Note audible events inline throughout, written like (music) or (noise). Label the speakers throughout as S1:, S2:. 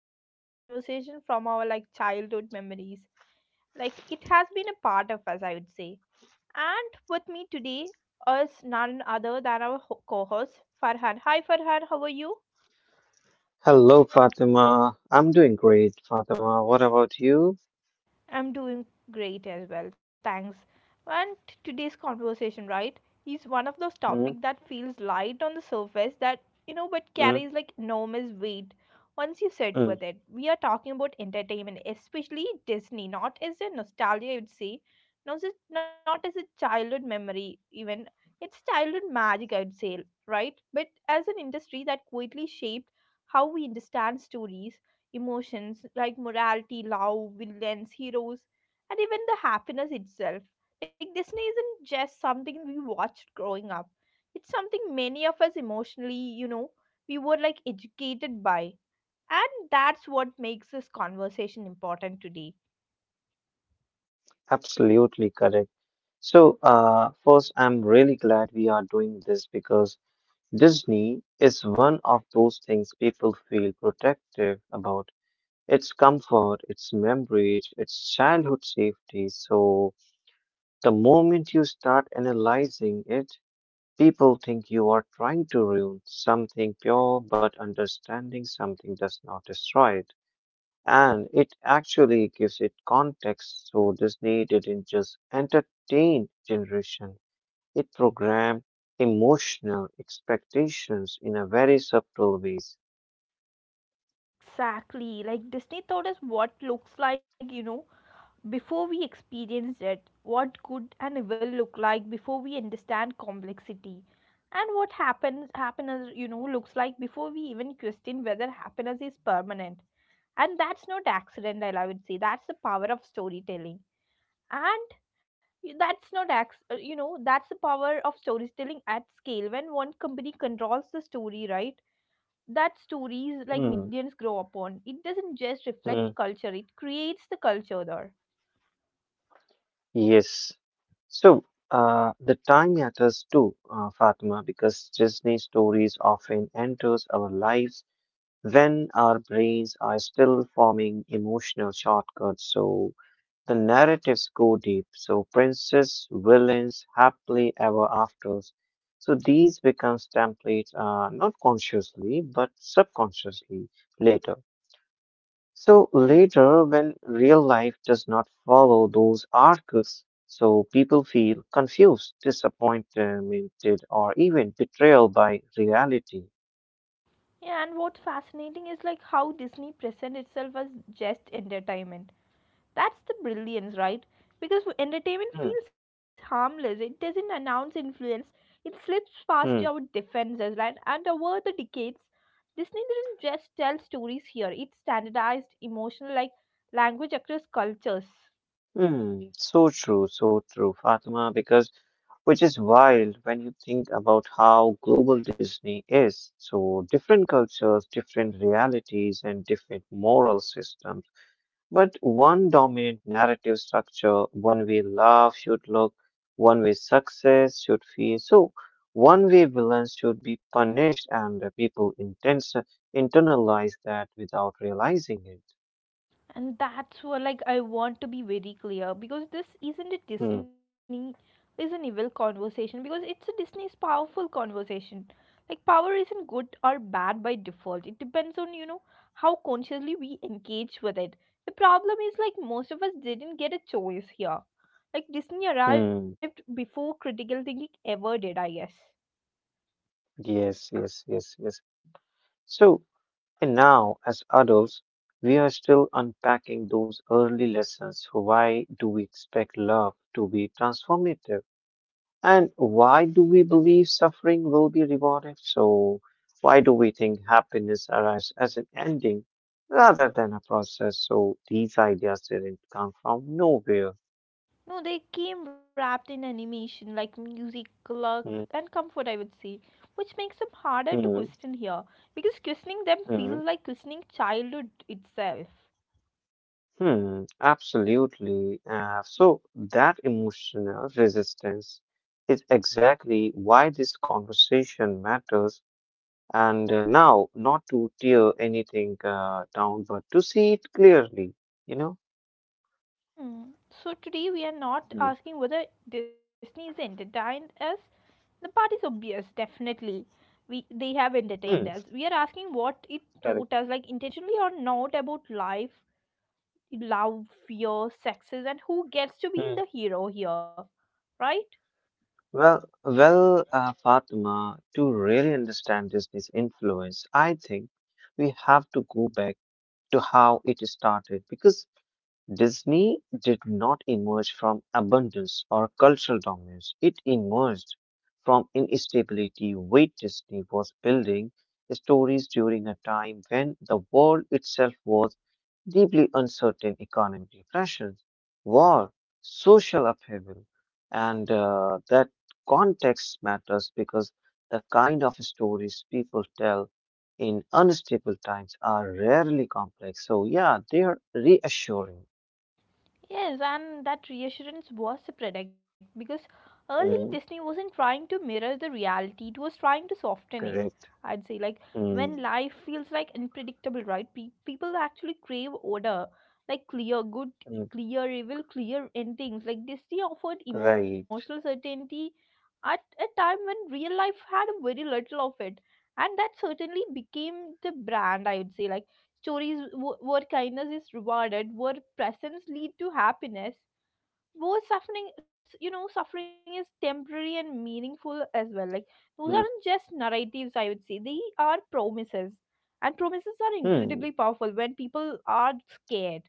S1: I would say it's a conversation from our like childhood memories. Like it has been a part of us, I would say. And with me today is none other than our co-host Farhan. Hi, Farhan. How are you?
S2: Hello, Fatima. I'm doing great, Fatima. What about you?
S1: I'm doing great as well, thanks. And today's conversation, right, is one of those
S2: Mm,
S1: topics that feels light on the surface that, you know, but
S2: mm,
S1: carries like enormous weight once you sit
S2: mm.
S1: with it. We are talking about entertainment, especially Disney, not as a nostalgia, I would say, not as a childhood memory, even. It's childhood magic, I would say, right? But as an industry that quietly shaped how we understand stories emotions like morality, love, villains, heroes, and even the happiness itself. Like Disney isn't just something we watched growing up. It's something many of us emotionally, you know, we were like educated by. And that's what makes this conversation important today.
S2: Absolutely correct. So, first, I'm really glad we are doing this because Disney is one of those things people feel protective about. Its comfort, its memories, its childhood safety. So, the moment you start analyzing it, people think you are trying to ruin something pure, but understanding something does not destroy it. And it actually gives it context. So Disney didn't just entertain generation; it programmed emotional expectations in a very subtle ways.
S1: Exactly. Like Disney taught us what looks like, you know, before we experience it, what good and evil look like before we understand complexity, and what happens happiness you know looks like before we even question whether happiness is permanent. And that's not accident, I would say. That's the power of storytelling, and y- that's not acc- you know that's the power of storytelling at scale. When one company controls the story, right? That stories like
S2: Hmm,
S1: millions grow upon. It doesn't just
S2: hmm,
S1: reflect culture; it creates the culture there.
S2: yes. So the time matters too, Fatima, because Disney stories often enters our lives when our brains are still forming emotional shortcuts. So the narratives go deep, so princess, villains, happily ever afters. So these becomes templates, not consciously but subconsciously later. So
S1: Hmm.
S2: later, when real life does not follow those arcs, so people feel confused, disappointed, or even betrayal by reality.
S1: Yeah, and what's fascinating is like how Disney present itself as just entertainment. That's the brilliance, right? Because entertainment
S2: Hmm,
S1: feels harmless. It doesn't announce influence. It slips past our
S2: hmm.
S1: defenses, right? And over the decades, Disney didn't just tell stories here. It standardized emotional like language across cultures.
S2: Hmm, so true, Fatima, because which is wild when you think about how global Disney is. So different cultures, different realities, and different moral systems, but one dominant narrative structure, one way love should look, one way success should feel. So one way villains should be punished, and the people intens internalize that without realizing it.
S1: And that's what like I want to be very clear because this isn't a
S2: Hmm,
S1: Disney is an evil conversation because it's a Disney's powerful conversation. Like power isn't good or bad by default. It depends on, you know, how consciously we engage with it. The problem is like most of us didn't get a choice here. Like Disney arrived
S2: hmm.
S1: before critical thinking ever did, I guess.
S2: Yes, yes, yes, yes. So and now, as adults, we are still unpacking those early lessons. Why do we expect love to be transformative? And why do we believe suffering will be rewarded? So, why do we think happiness arrives as an ending rather than a process? So, these ideas didn't come from nowhere.
S1: No, they came wrapped in animation like music, luck,
S2: Mhm,
S1: and comfort, I would say, which makes them harder to question here because questioning them feels
S2: mhm.
S1: like questioning childhood itself.
S2: Hmm, absolutely. So that emotional resistance is exactly why this conversation matters. And now, not to tear anything down, but to see it clearly, you know?
S1: Hmm. So today we are not
S2: Hmm.
S1: asking whether Disney is entertained us. The part is obvious, definitely. We they have entertained us.
S2: Hmm.
S1: We are asking what it taught
S2: Correct.
S1: us, like intentionally or not, about life, love, fear, sexes, and who gets to be
S2: Mm.
S1: the hero here, right?
S2: Well, Fatima, to really understand Disney's influence, I think we have to go back to how it started because Disney did not emerge from abundance or cultural dominance. It emerged from instability. Walt Disney was building stories during a time when the world itself was deeply uncertain economic depressions, war, social upheaval, and that context matters because the kind of stories people tell in unstable times are rarely complex. So, yeah, they are reassuring.
S1: Yes, and that reassurance was a product because early Disney
S2: Mm,
S1: wasn't trying to mirror the reality, it was trying to soften it.
S2: correct.
S1: I'd say, like, when
S2: Mm,
S1: life feels like unpredictable, right? People actually crave order, like clear good,
S2: mm,
S1: clear evil, clear endings. Like, Disney offered emotional
S2: right.
S1: certainty at a time when real life had a very little of it, and that certainly became the brand, I would say. Like, where kindness is rewarded, where presence lead to happiness, where suffering, you know, suffering is temporary and meaningful as well. Like those aren't
S2: Mm,
S1: just narratives, I would say. They are promises, and promises are incredibly
S2: hmm.
S1: powerful when people are scared.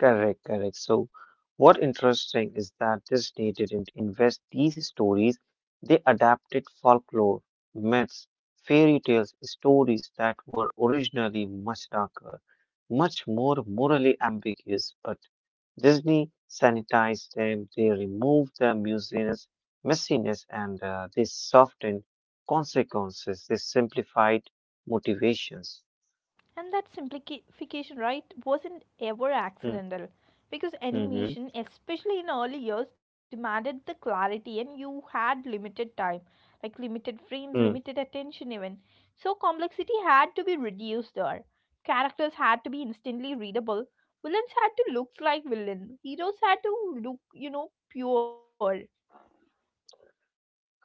S2: Correct, correct. So, what interesting is that Disney didn't invest these stories, they adapted folklore, myths, fairy tales, stories that were originally much darker, much more morally ambiguous, but Disney sanitized them, they removed the messiness, and they softened consequences, they simplified motivations.
S1: And that simplification, right, wasn't ever
S2: Hmm,
S1: accidental because
S2: mm-hmm,
S1: animation, especially in early years, demanded the clarity and you had limited time, like limited frames,
S2: hmm.
S1: limited attention, even. So, complexity had to be reduced there. Characters had to be instantly readable. Villains had to look like villains. Heroes had to look, you know, pure.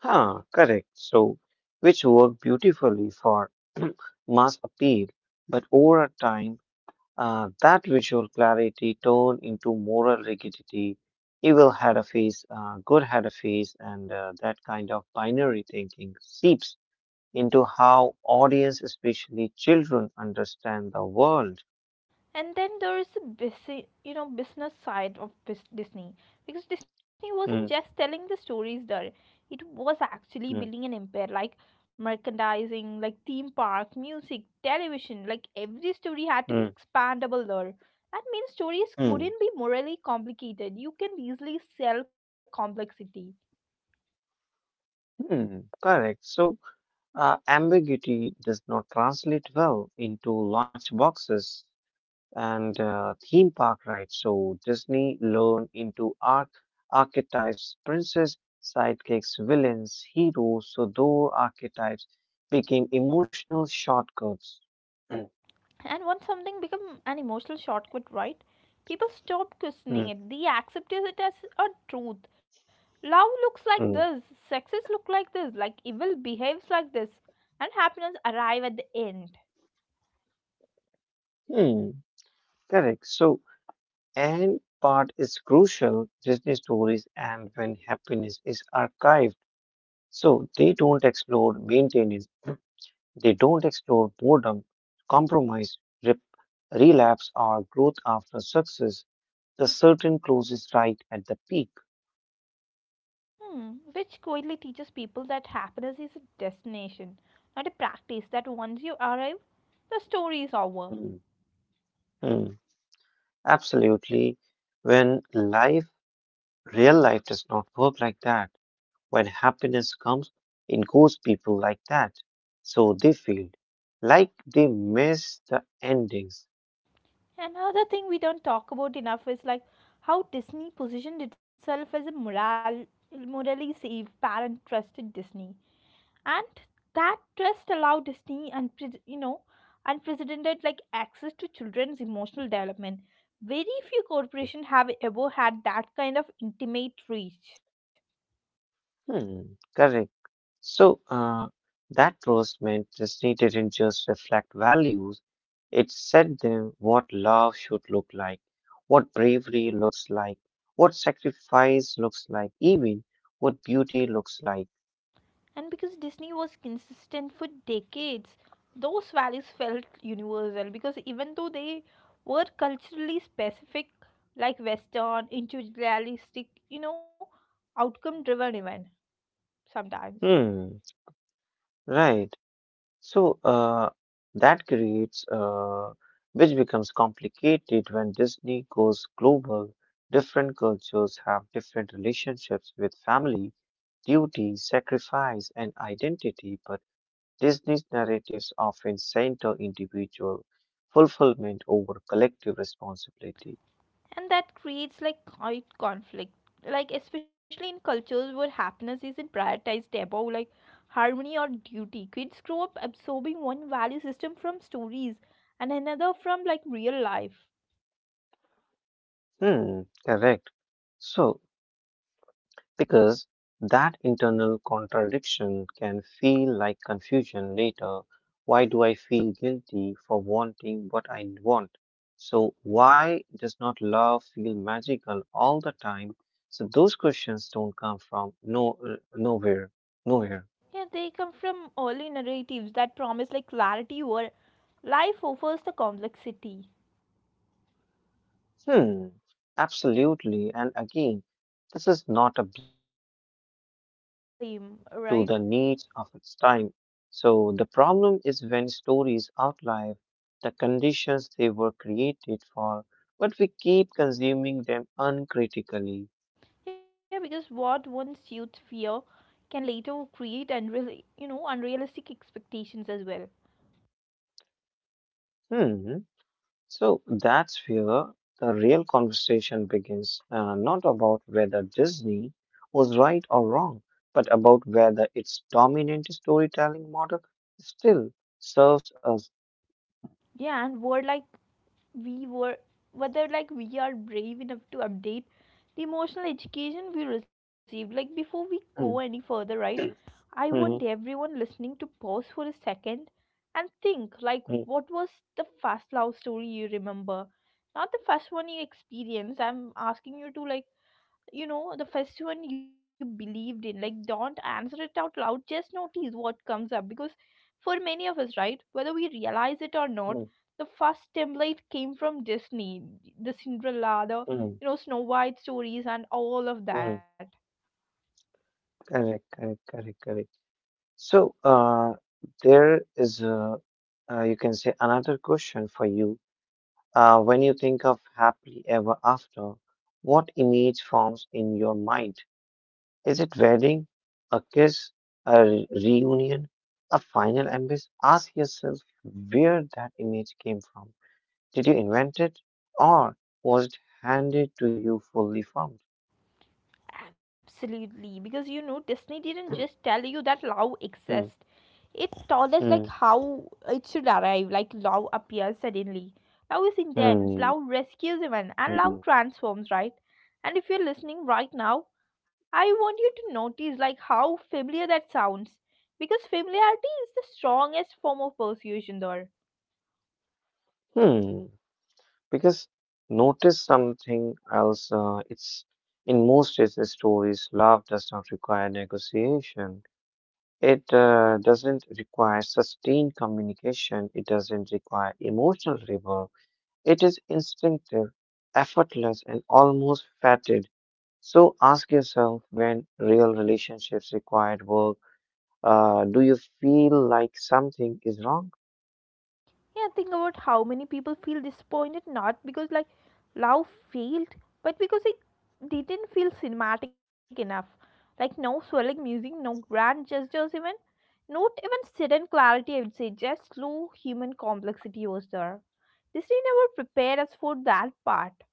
S2: Huh, correct. So, which work beautifully for (clears throat) mass appeal, but over time, that visual clarity turned into moral rigidity. Evil had a face, good had a face, and that kind of binary thinking seeps into how audience, especially children, understand the world.
S1: And then there is a busy, you know, business side of Disney because Disney
S2: Hmm,
S1: wasn't just telling the stories there. It was actually
S2: hmm,
S1: building an empire like merchandising, like theme park, music, television. Like every story had to be
S2: hmm,
S1: expandable there. That means stories
S2: hmm,
S1: couldn't be morally complicated. You can easily sell complexity.
S2: hmm, correct. So, ambiguity does not translate well into lunch boxes and theme park rides. So Disney learned into archetypes, princess, sidekicks, villains, heroes. So those archetypes became emotional shortcuts. Mm,
S1: And once something becomes an emotional shortcut, right? People stop
S2: mm,
S1: questioning it. They accept it as a truth. Love looks like
S2: mm,
S1: this. Success look like this. Like evil behaves like this. And happiness arrive at the end.
S2: mm. Correct. So, and part is crucial, Disney stories and when happiness is archived. So they don't explore maintenance, they don't explore boredom, compromise, rep- relapse or growth after success. The certain closes right at the peak.
S1: Hmm. Which quietly teaches people that happiness is a destination, not a practice. That once you arrive, the story is over.
S2: Hmm, hmm, absolutely. When life, real life does not work like that, when happiness comes, it goes people like that. So they feel like they miss the endings.
S1: Another thing we don't talk about enough is like how Disney positioned itself as a morally safe, parent trusted Disney, and that trust allowed Disney and, you know, unprecedented like access to children's emotional development. Very few
S2: Hmm.
S1: corporations have ever had that kind of intimate reach.
S2: Hmm. Correct. So that closement Disney didn't just reflect values, it said them what love should look like, what bravery looks like, what sacrifice looks like, even what beauty looks like.
S1: And because Disney was consistent for decades, those values felt universal because even though they were culturally specific, like Western, individualistic, you know, outcome driven even sometimes.
S2: Hmm, right. So that creates, uh, which becomes complicated when Disney goes global. Different cultures have different relationships with family duty, sacrifice, and identity, but Disney's narratives often center individual fulfillment over collective responsibility.
S1: And that creates like quite conflict. Like especially in cultures where happiness isn't prioritized above like harmony or duty. Kids grow up absorbing one value system from stories and another from like real life.
S2: Hmm, correct. So, because that internal contradiction can feel like confusion later. Why do I feel guilty for wanting what I want? So, why does not love feel magical all the time? So, those questions don't come from no, nowhere, nowhere.
S1: Yeah, they come from early narratives that promise like clarity where life offers the complexity.
S2: Hmm, absolutely. And again, this is not a blame. Disney
S1: Same,
S2: responded
S1: right?
S2: to the needs of its time. So the problem is when stories outlive the conditions they were created for, but we keep consuming them uncritically.
S1: Yeah, because what once youth fear can later create unreal, you know, unrealistic expectations as well.
S2: Hmm. So that's where the real conversation begins, not about whether Disney was right or wrong, but about whether its dominant storytelling model still serves us.
S1: Yeah, and were like we were whether like we are brave enough to update the emotional education we received. Like before we go any
S2: Mm,
S1: further, right? I want
S2: mhm,
S1: everyone listening to pause for a second and think like
S2: mm,
S1: what was the first love story you remember, not the first one you experienced. I'm asking you to, like, you know, the first one you believed in. Like don't answer it out loud, just notice what comes up because for many of us, right, whether we realize it or not,
S2: mm,
S1: the first template came from Disney. The Cinderella, the,
S2: mm,
S1: you know, Snow White stories and all of that.
S2: mm. Correct, correct, correct, correct. So there is, a, you can say, another question for you. When you think of happily ever after, what image forms in your mind? Is it wedding, a kiss, a reunion, a final embrace? Ask yourself where that image came from. Did you invent it, or was it handed to you fully formed?
S1: Absolutely, because, you know, Disney didn't just tell you that love
S2: Hmm,
S1: exists. It told us like
S2: hmm,
S1: how it should arrive, like love appears suddenly. Love is intense,
S2: hmm,
S1: love rescues even, and love
S2: hmm,
S1: transforms, right? And if you're listening right now, I want you to notice like how familiar that sounds. Because familiarity is the strongest form of persuasion there.
S2: hmm. Because notice something else. It's in most cases, stories, love does not require negotiation. It doesn't require sustained communication. It doesn't require emotional labor. It is instinctive, effortless, and almost fated. So ask yourself when real relationships required work, do you feel like something is wrong?
S1: Yeah, think about how many people feel disappointed not because like love failed, but because it didn't feel cinematic enough. Like no swelling music, no grand gestures even, not even sudden clarity I would say, just slow human complexity was there. Disney never prepared us for that part.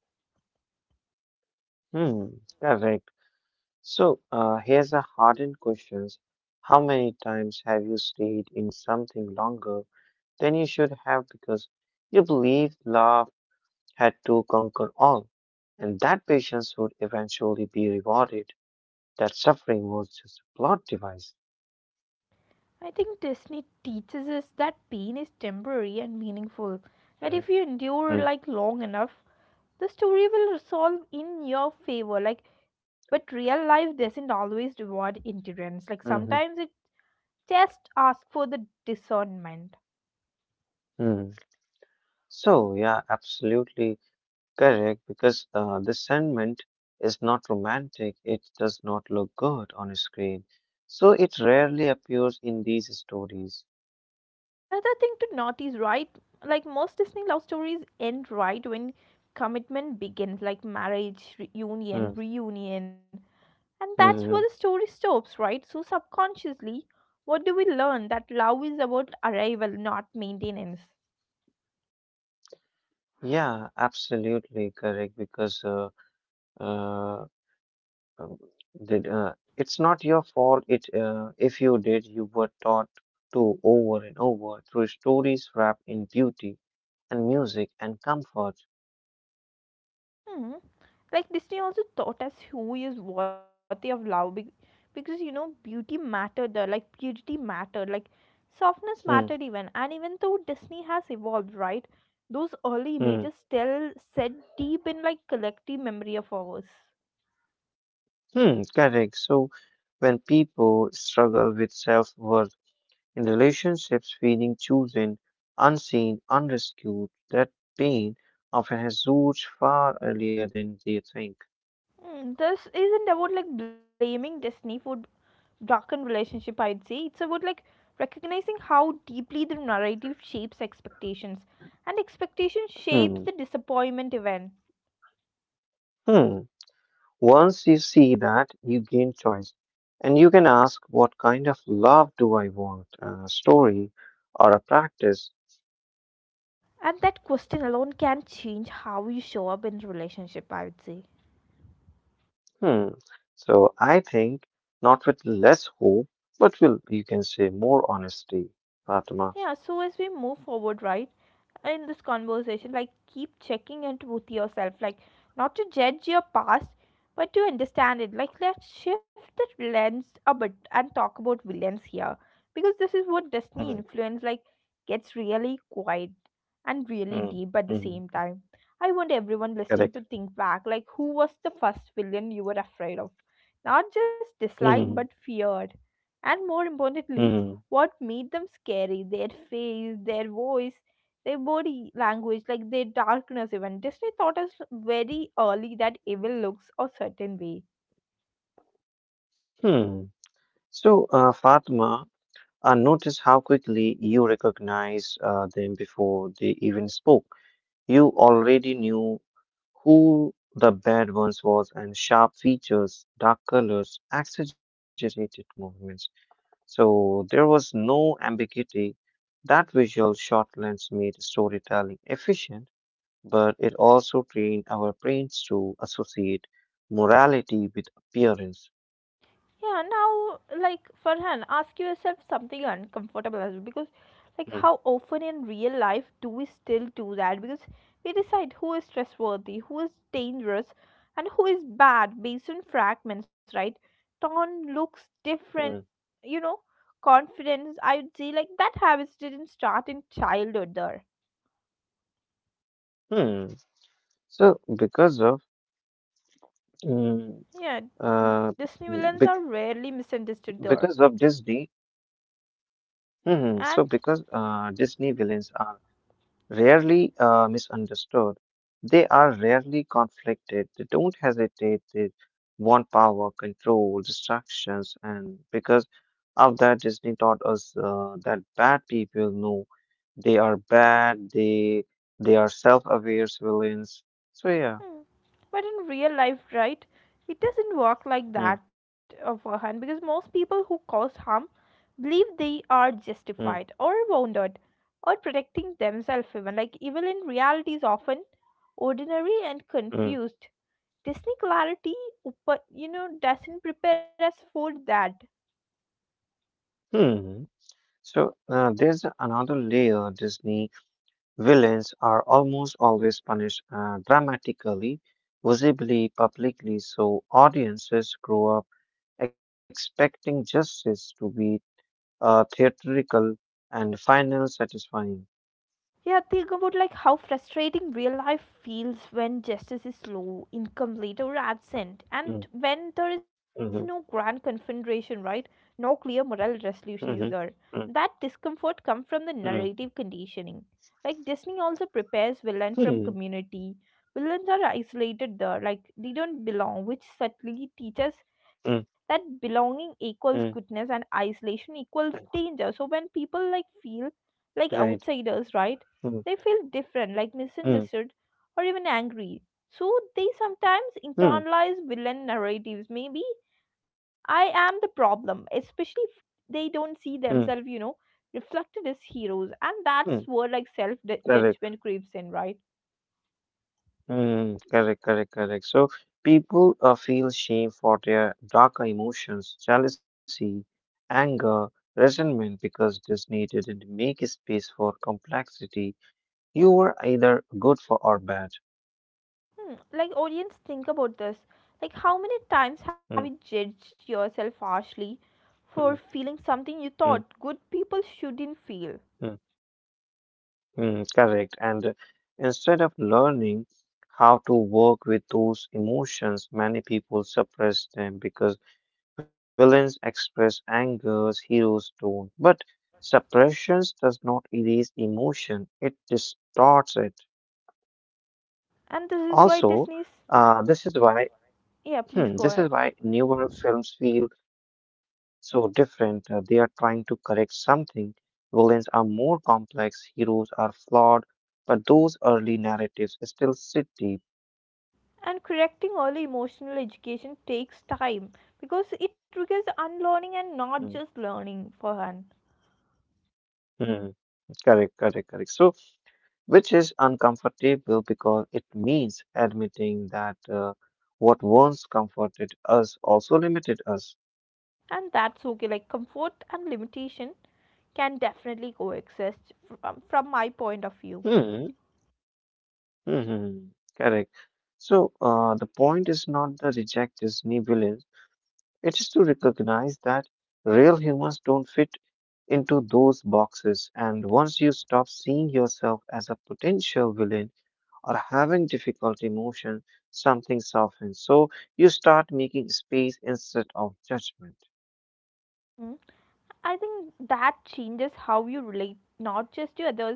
S2: Hmm, correct. So here's a hardened questions: How many times have you stayed in something longer than you should have because you believed love had to conquer all? And that patience would eventually be rewarded. That suffering was just a plot device.
S1: I think Disney teaches us that pain is temporary and meaningful, that if you endure
S2: Mm,
S1: like long enough, the story will resolve in your favor. Like, but real life doesn't always reward endurance. Like
S2: mhm,
S1: sometimes it just asks for the discernment.
S2: mm. So, yeah, absolutely correct because the sentiment is not romantic. It does not look good on a screen. So, it rarely appears in these stories.
S1: Another thing to note is right, like most Disney love stories end right when commitment begins, like marriage,
S2: Mm,
S1: reunion. And that's
S2: mhm.
S1: where the story stops, right? So, subconsciously, what do we learn? That love is about arrival, not maintenance.
S2: Yeah, absolutely correct because uh, um, it's not your fault. It If you did, you were taught to over and over through stories wrapped in beauty and music and comfort.
S1: Hmm. Like Disney also taught us who is worthy of love because, you know, beauty mattered there, like purity mattered, like softness mattered
S2: Hmm.
S1: even. And even though Disney has evolved, right? Those early
S2: Hmm.
S1: images still set deep in like collective memory of ours.
S2: Hmm, correct. So when people struggle with self-worth in relationships, feeling chosen, unseen, unrescued, that pain often has roots far earlier than they think.
S1: Mm, this isn't about like blaming destiny for broken relationship, I'd say. It's about like recognizing how deeply the narrative shapes expectations, and expectation shapes
S2: Hmm.
S1: the disappointment event.
S2: Hmm. Once you see that, you gain choice, and you can ask, "What kind of love do I want?" A story or a practice.
S1: And that question alone can change how you show up in relationship, I would say.
S2: Hmm. So I think not with less hope, but will you can say more honesty, Fatima.
S1: Yeah, so as we move forward, right, in this conversation, like keep checking in with yourself, like not to judge your past, but to understand it. Like let's shift the lens a bit and talk about villains here, because this is what Disney influence like gets really quiet and really
S2: Mm,
S1: deep at the same
S2: mhm.
S1: time. I want everyone listening to
S2: Correct.
S1: think back, like who was the first villain you were afraid of, not just disliked but
S2: Mhm,
S1: feared, and more importantly
S2: mhm,
S1: what made them scary, their face, their voice, their body language, like their darkness even. Disney taught us very early that evil looks a certain way.
S2: hmm. So, Fatima, notice how quickly you recognized them before they even spoke. You already knew who the bad ones was and sharp features, dark colors, exaggerated movements. So there was no ambiguity. That visual short lens made storytelling efficient. But it also trained our brains to associate morality with appearance.
S1: Yeah, now, like, Farhan, ask yourself something uncomfortable as well because, like,
S2: Hmm,
S1: how often in real life do we still do that? Because we decide who is trustworthy, who is dangerous, and who is bad based on fragments, right? Tone looks different,
S2: hmm,
S1: you know, confidence. I would say, like, that habits didn't start in childhood there.
S2: hmm. So, mm,
S1: Yeah,
S2: uh,
S1: Disney villains are
S2: bec-
S1: rarely
S2: because of
S1: misunderstood
S2: Disney,
S1: there.
S2: hmm, so because
S1: And
S2: Disney villains are rarely misunderstood. They are rarely conflicted. They don't hesitate. They want power, control, distractions, and because of that, Disney taught us that bad people know they are bad. They are self-aware villains. So yeah.
S1: hmm. But in real life, right, it doesn't work like
S2: Hmm.
S1: that for Han because most people who cause harm believe they are
S2: Hmm.
S1: justified or wounded or protecting themselves, even. Like, evil in reality is often ordinary and
S2: Hmm.
S1: confused. Disney clarity, you know, doesn't prepare us for that.
S2: Hmm. So there's another layer Disney villains are almost always punished dramatically, visibly, publicly, so audiences grow up expecting justice to be theatrical and final satisfying.
S1: Yeah, think about like how frustrating real life feels when justice is slow, incomplete, or absent, and
S2: Mm,
S1: when there is no grand
S2: mhm,
S1: confederation, right? No clear moral resolution
S2: mhm,
S1: is there.
S2: mm,
S1: That discomfort comes from the
S2: mm,
S1: narrative conditioning. Like Disney also prepares villain from
S2: mm,
S1: community. Villains are isolated there, like they don't belong, which subtly teaches
S2: mm,
S1: that belonging equals goodness
S2: mm,
S1: and isolation equals danger. So when people like feel like
S2: right.
S1: outsiders, right?
S2: Mm,
S1: They feel different, like
S2: mm,
S1: misunderstood or even angry. So they sometimes
S2: mm,
S1: internalize villain narratives. Maybe I am the problem, especially if they don't see
S2: mm,
S1: themselves, you know, reflected as heroes. And that's
S2: mm,
S1: where like self
S2: correct.
S1: judgment creeps in, right?
S2: Mm, correct, correct, correct. So people feel shame for their darker emotions, jealousy, anger, resentment, because Disney didn't make a space for complexity. You were either good for or bad.
S1: Hmm. Like audience, think about this. Like how many times have you
S2: Mm,
S1: judged yourself harshly
S2: mm,
S1: for feeling something you
S2: mm,
S1: thought good people shouldn't feel?
S2: mm, mm, correct. And instead of learning how to work with those emotions, many people suppress them because villains express angers, heroes don't. But suppression does not erase emotion, it distorts it.
S1: And this is why
S2: Also,
S1: Disney's
S2: uh, this is why
S1: yeah, please go ahead.
S2: this is why newer films feel so different. They are trying to correct something. Villains are more complex, heroes are flawed, but those early narratives still sit deep.
S1: And correcting early emotional education takes time because it requires unlearning and
S2: Hmm,
S1: not just learning for her.
S2: hmm, correct, correct, correct. So which is uncomfortable because it means admitting that what once comforted us also limited us.
S1: And that's okay, like comfort and limitation can definitely coexist from my point of view.
S2: Hmm. Hmm. Correct. So the point is not the reject is nibulance. It is to recognize that real humans don't fit into those boxes. And once you stop seeing yourself as a potential villain or having difficult emotion, something softens. So you start making space instead of judgment.
S1: Mm. I think that changes how you relate not just to others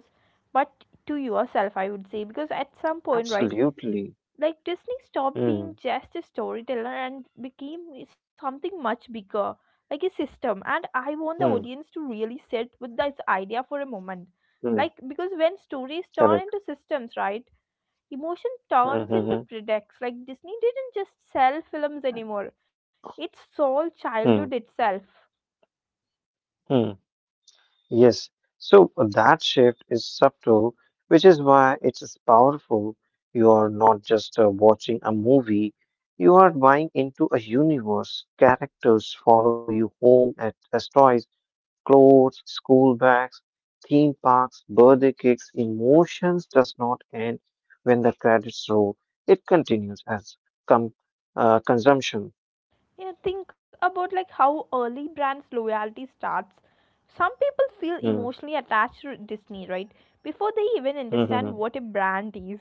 S1: but to yourself, I would say, because at some point, right?
S2: Absolutely.
S1: Like Disney stopped being
S2: Hmm.
S1: just a storyteller and became something much bigger, like a system. And I
S2: Hmm.
S1: want the audience to really sit with this idea for a moment.
S2: Hmm.
S1: Like, because when stories
S2: Correct.
S1: turn into systems, right, emotion
S2: Hmm.
S1: turns
S2: Hmm.
S1: into products. Like, Disney didn't just sell films anymore, it sold childhood
S2: Hmm.
S1: itself.
S2: Hmm. Hmm. Yes. So that shift is subtle, which is why it is powerful. You are not just watching a movie, you are buying into a universe. Characters follow you home at as toys, clothes, school bags, theme parks, birthday cakes. Emotions does not end when the credits roll. It continues as com- consumption.
S1: Yeah, think about like how early brands loyalty starts. Some people feel
S2: Mm,
S1: emotionally attached to Disney, right? Before they even
S2: mm,
S1: understand
S2: mm,
S1: what a brand is.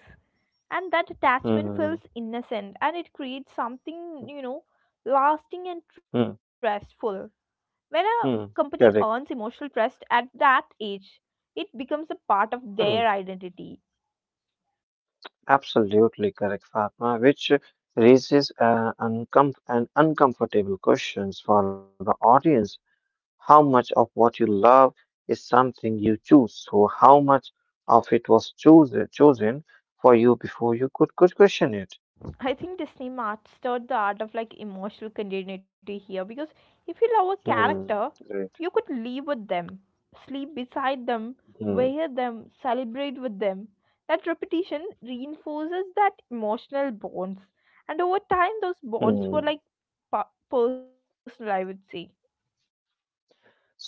S1: And that attachment
S2: mm,
S1: feels innocent and it creates something, you know, lasting and
S2: mm,
S1: trustful. When a company
S2: mm.
S1: earns
S2: Correct.
S1: emotional trust at that age, it becomes a part of
S2: Mm,
S1: their identity.
S2: absolutely correct, Fatma, which raises uncom an uncomfortable questions for the audience. How much of what you love is something you choose? So how much of it was chosen for you before you could question it?
S1: I think Disney mastered the art of like emotional continuity here because if you love a
S2: Hmm.
S1: character,
S2: Right.
S1: you could live with them, sleep beside them,
S2: Hmm.
S1: wear them, celebrate with them. That repetition reinforces that emotional bonds, and over time, those bonds were like
S2: Hmm.
S1: personal, I would say.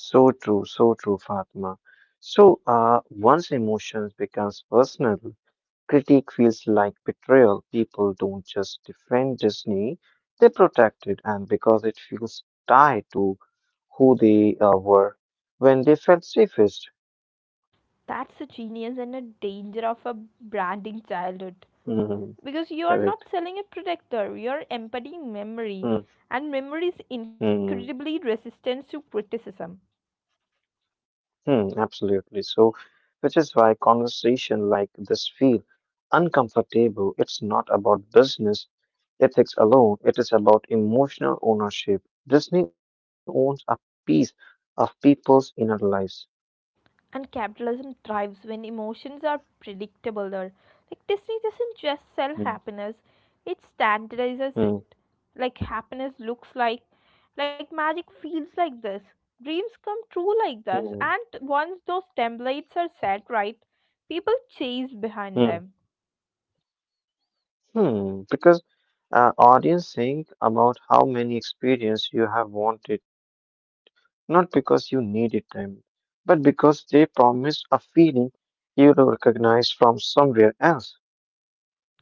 S2: So true, Fatma. So, once emotions becomes personal, critique feels like betrayal. People don't just defend Disney, they protect it, and because it feels tied to who they were when they felt safest.
S1: That's the genius and the danger of a branding childhood,
S2: Hmm,
S1: because you are not
S2: correct.
S1: selling a protector, you are embodying memory,
S2: Hmm,
S1: and memory is incredibly
S2: hmm,
S1: resistant to criticism.
S2: hmm, absolutely. So, which is why conversation like this feel uncomfortable. It's not about business ethics alone. It is about emotional ownership. Disney owns a piece of people's inner lives.
S1: And capitalism thrives when emotions are predictable. There, like Disney doesn't just sell
S2: Hmm,
S1: happiness; it standardizes
S2: hmm,
S1: it. Like happiness looks like magic feels like this. Dreams come true like this,
S2: hmm.
S1: and once those templates are set right, people chase behind
S2: Hmm.
S1: them.
S2: Hmm. Because audience, think about how many experience you have wanted, not because you needed them, but because they promise a feeling you will recognize from somewhere else.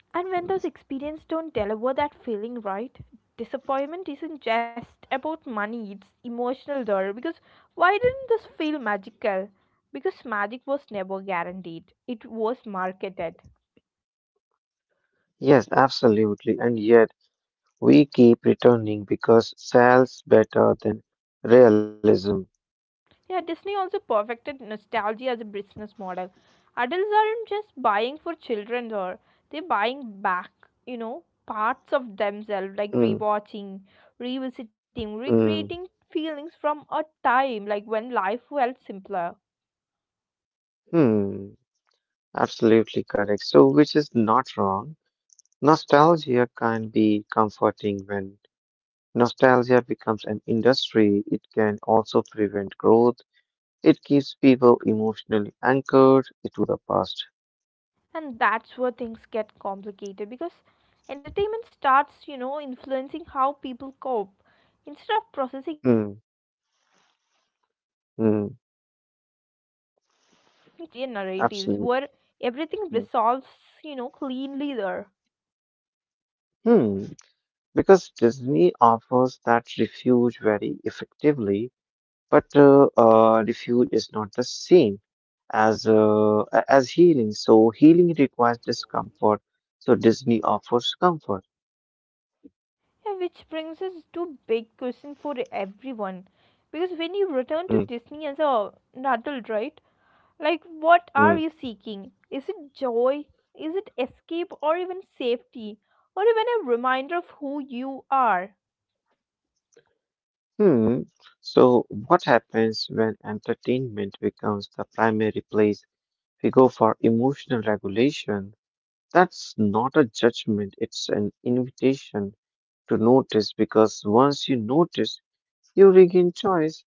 S1: And when those experiences don't deliver that feeling right, disappointment isn't just about money, it's emotional there. Because why didn't this feel magical? Because magic was never guaranteed, it was marketed.
S2: Yes, absolutely. And yet we keep returning because sells better than realism.
S1: Yeah, Disney also perfected nostalgia as a business model. Adults aren't just buying for children or they're buying back, you know, parts of themselves like
S2: Mm,
S1: rewatching, revisiting,
S2: mm,
S1: recreating feelings from a time like when life felt simpler.
S2: hmm. Absolutely correct. So, which is not wrong. Nostalgia can be comforting when nostalgia becomes an industry, it can also prevent growth. It keeps people emotionally anchored to the past.
S1: And that's where things get complicated because entertainment starts, you know, influencing how people cope. Instead of processing
S2: Hmm,
S1: adulthood honestly, many
S2: hmm,
S1: people retreat into familiar narratives where everything
S2: absolutely.
S1: resolves,
S2: Hmm.
S1: you know, cleanly there.
S2: Hmm, because Disney offers that refuge very effectively, but refuge is not the same as as healing. So healing requires discomfort. So Disney offers comfort.
S1: Yeah, which brings us to big question for everyone. Because when you return to
S2: Hmm,
S1: Disney as an adult, right? Like, what are
S2: hmm.
S1: you seeking? Is it joy? Is it escape or even safety? Or even a reminder of who you are?
S2: Hmm. So, what happens when entertainment becomes the primary place we go for emotional regulation? That's not a judgment, it's an invitation to notice because once you notice, you regain choice.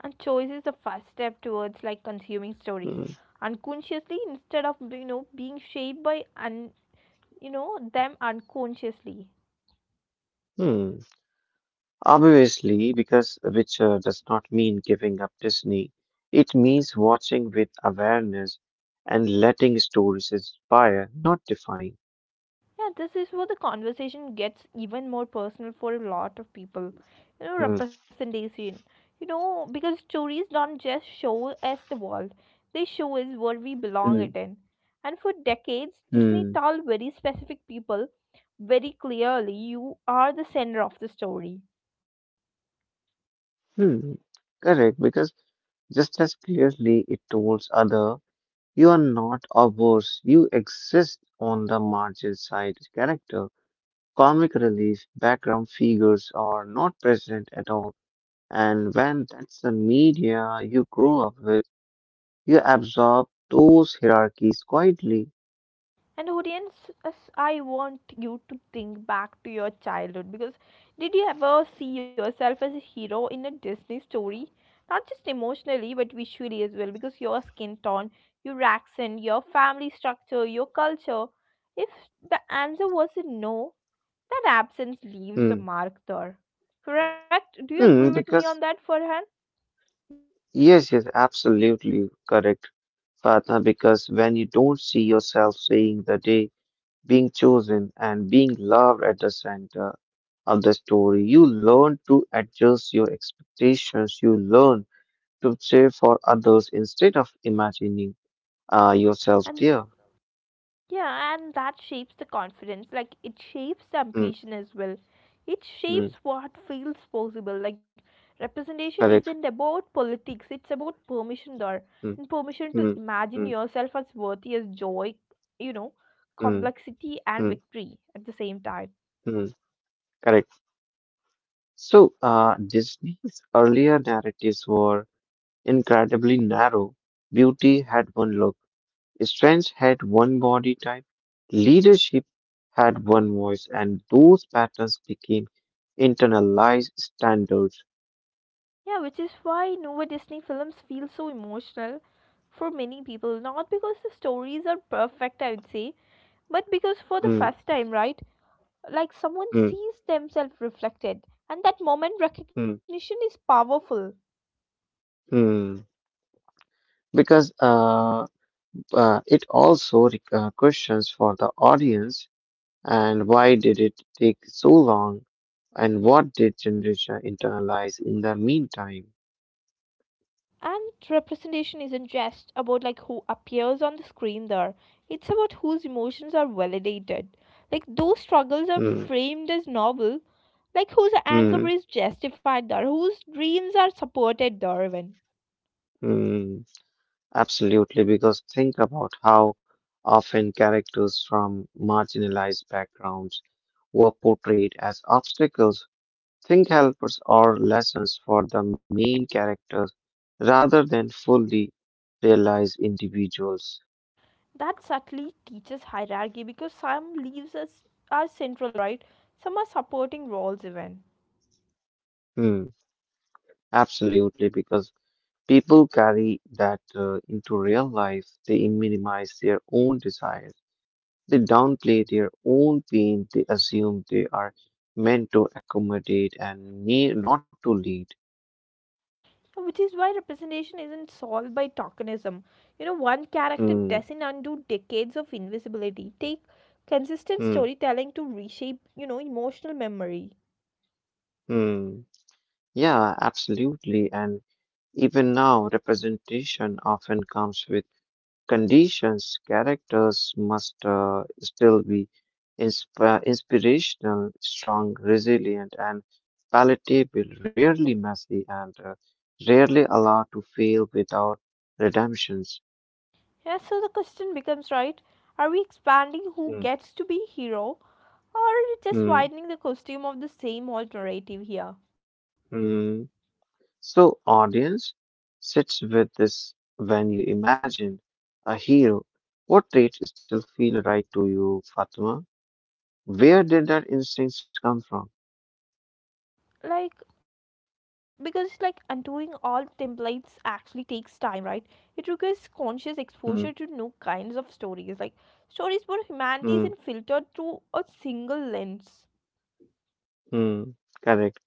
S1: And choice is the first step towards like consuming stories
S2: Hmm.
S1: unconsciously instead of you know being shaped by you know them unconsciously.
S2: Hmm. Obviously, because which does not mean giving up Disney, it means watching with awareness and letting stories inspire, not define.
S1: Yeah, this is where the conversation gets even more personal for a lot of people, you know,
S2: Hmm.
S1: representation, you know, because stories don't just show us the world, they show us where we
S2: Hmm.
S1: belong it in. And for decades Disney
S2: Hmm.
S1: told very specific people very clearly you are the center of the story.
S2: Hmm, correct, because just as clearly it tells other, you are not a worse, you exist on the margin side character. Comic relief, background figures are not present at all. And when that's the media you grow up with, you absorb those hierarchies quietly.
S1: And audience, as I want you to think back to your childhood because did you ever see yourself as a hero in a Disney story? Not just emotionally, but visually as well, because your skin tone, your accent, your family structure, your culture. If the answer was a no, that absence leaves a
S2: Hmm.
S1: mark there. Correct? Do you agree with
S2: Hmm,
S1: me on that,
S2: because,
S1: Farhan?
S2: yes, yes, absolutely correct, Fatna, because when you don't see yourself saying the day, being chosen, and being loved at the center of the story. You learn to adjust your expectations. You learn to cheer for others instead of imagining
S1: And
S2: yourself there.
S1: Yeah, and that shapes the confidence. Like it shapes the
S2: Mm,
S1: ambition as well. It shapes
S2: mm,
S1: what feels possible. Like representation isn't
S2: correct.
S1: about politics, it's about permission there.
S2: Mm,
S1: And permission to
S2: mm,
S1: imagine
S2: mm,
S1: yourself as worthy as joy, you know,
S2: mm,
S1: complexity and
S2: mm,
S1: victory at the same time.
S2: mm, correct. So, Disney's earlier narratives were incredibly narrow. Beauty had one look, strength had one body type, leadership had one voice, and those patterns became internalized standards.
S1: Yeah, which is why Nova Disney films feel so emotional for many people. Not because the stories are perfect, I would say, but because for the
S2: Hmm,
S1: first time, right? Like someone
S2: hmm,
S1: sees themselves reflected and that moment
S2: hmm,
S1: recognition is powerful.
S2: hmm. Because it also questions for the audience, and why did it take so long, and what did generation internalize in the meantime?
S1: And representation isn't just about like who appears on the screen there, it's about whose emotions are validated, like those struggles are
S2: Hmm,
S1: framed as novel, like whose
S2: hmm,
S1: anger is justified there, whose dreams are supported there even.
S2: hmm. Absolutely, because think about how often characters from marginalized backgrounds were portrayed as obstacles, think helpers, or lessons for the main characters rather than fully realized individuals.
S1: That subtly teaches hierarchy because some leaves us are central right, some are supporting roles even.
S2: Hmm, absolutely, because people carry that into real life, they minimize their own desires. They downplay their own pain, they assume they are meant to accommodate and need, not to lead.
S1: So, which is why representation isn't solved by tokenism. You know, one character
S2: Mm,
S1: doesn't undo decades of invisibility. Take consistent
S2: mm,
S1: storytelling to reshape, you know, emotional memory.
S2: mm. Yeah, absolutely. And even now, representation often comes with conditions. Characters must still be inspirational, strong, resilient, and palatable, rarely messy, and rarely allowed to fail without redemptions.
S1: Yeah, so the question becomes right, are we expanding who
S2: Mm,
S1: gets to be hero or just
S2: mm.
S1: widening the costume of the same old narrative here?
S2: Mm. So, audience, sits with this when you imagine a hero. What traits still feel right to you, Fatima? Where did that instincts come from?
S1: Like because like undoing all templates actually takes time right, it requires conscious exposure to
S2: Mm,
S1: new kinds of stories, like stories where humanity isn't
S2: mm,
S1: filtered through a single lens.
S2: mm. Correct.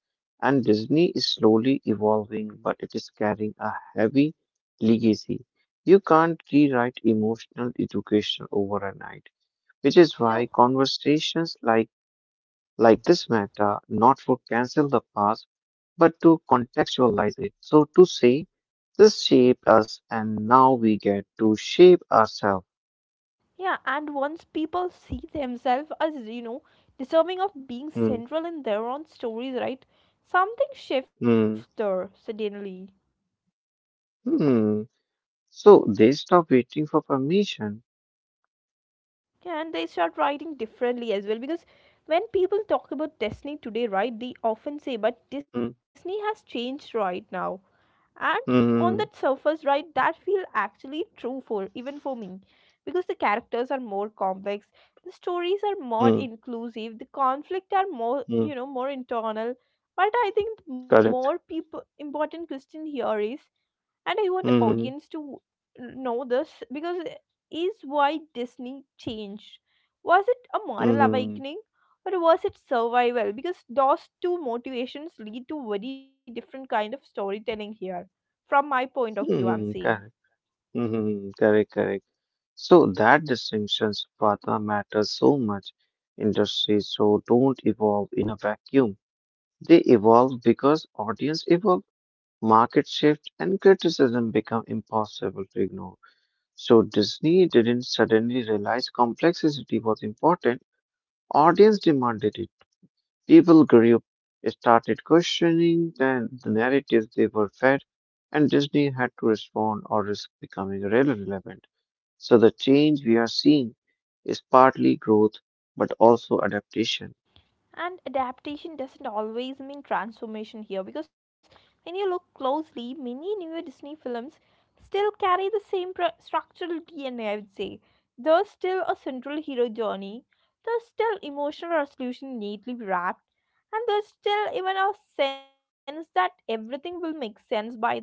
S2: And Disney is slowly evolving, but it is carrying a heavy legacy. You can't rewrite emotional education overnight, which is why
S1: yeah
S2: conversations like this matter, not for cancel the past but to contextualize it. So to say, this shaped us and now we get to shape ourselves.
S1: yeah, and once people see themselves as, you know, deserving of being
S2: Hmm,
S1: central in their own stories right, something shifts
S2: hmm,
S1: there suddenly.
S2: hmm. So they stop waiting for permission.
S1: Yeah, and they start writing differently as well because when people talk about Disney today, right, they often say, but Disney
S2: Hmm,
S1: has changed right now. And on that
S2: hmm,
S1: surface, right, that feel actually true for even for me because the characters are more complex, the stories are more
S2: hmm,
S1: inclusive, the conflict are more,
S2: hmm.
S1: you know, more internal. But I think the more
S2: Correct.
S1: people important question here is, and I want
S2: Hmm,
S1: audience to know this, because it is why Disney changed. Was it a moral
S2: hmm,
S1: awakening or was it survival, because those two motivations lead to very different kind of storytelling here, from my point of view I'm
S2: hmm.
S1: saying.
S2: Correct. Hmm, hmm, correct, correct. So that distinctions, Pata, matters so much. Industries so don't evolve in a vacuum. They evolve because audience evolve, market shift, and criticism become impossible to ignore. So Disney didn't suddenly realize complexity was important. Audience demanded it. People grew up, started questioning the narratives they were fed, and Disney had to respond or risk becoming irrelevant. So the change we are seeing is partly growth, but also adaptation.
S1: And adaptation doesn't always mean transformation here because when you look closely many newer Disney films still carry the same structural DNA I would say. There's still a central hero journey, there's still emotional resolution neatly wrapped, and there's still even a sense that everything will make sense by the end.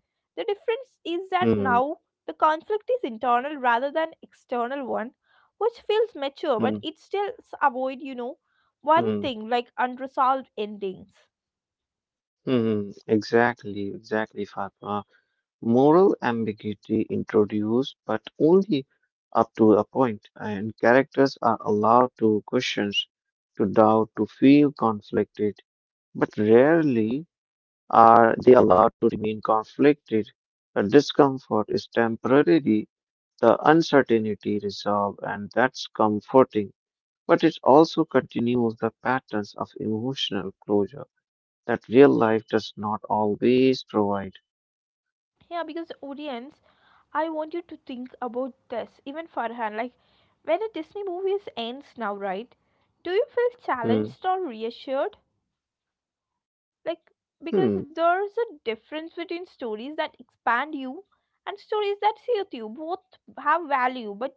S1: The difference is that
S2: Hmm.
S1: now the conflict is internal rather than external one, which feels mature
S2: Hmm.
S1: but it still avoid you know one
S2: Hmm.
S1: thing like unresolved endings.
S2: Hmm, exactly, exactly, Fatma. Moral ambiguity introduced, but only up to a point, and characters are allowed to question, to doubt, to feel conflicted, but rarely are they allowed to remain conflicted. The discomfort is temporary, the uncertainty resolved, and that's comforting, but it also continues the patterns of emotional closure that real life does not always provide.
S1: Yeah because audience, I want you to think about this even Farhan, like when a Disney movie is ends now right, do you feel
S2: Hmm.
S1: challenged or reassured? Like because
S2: Hmm.
S1: there's a difference between stories that expand you and stories that suit you. Both have value, but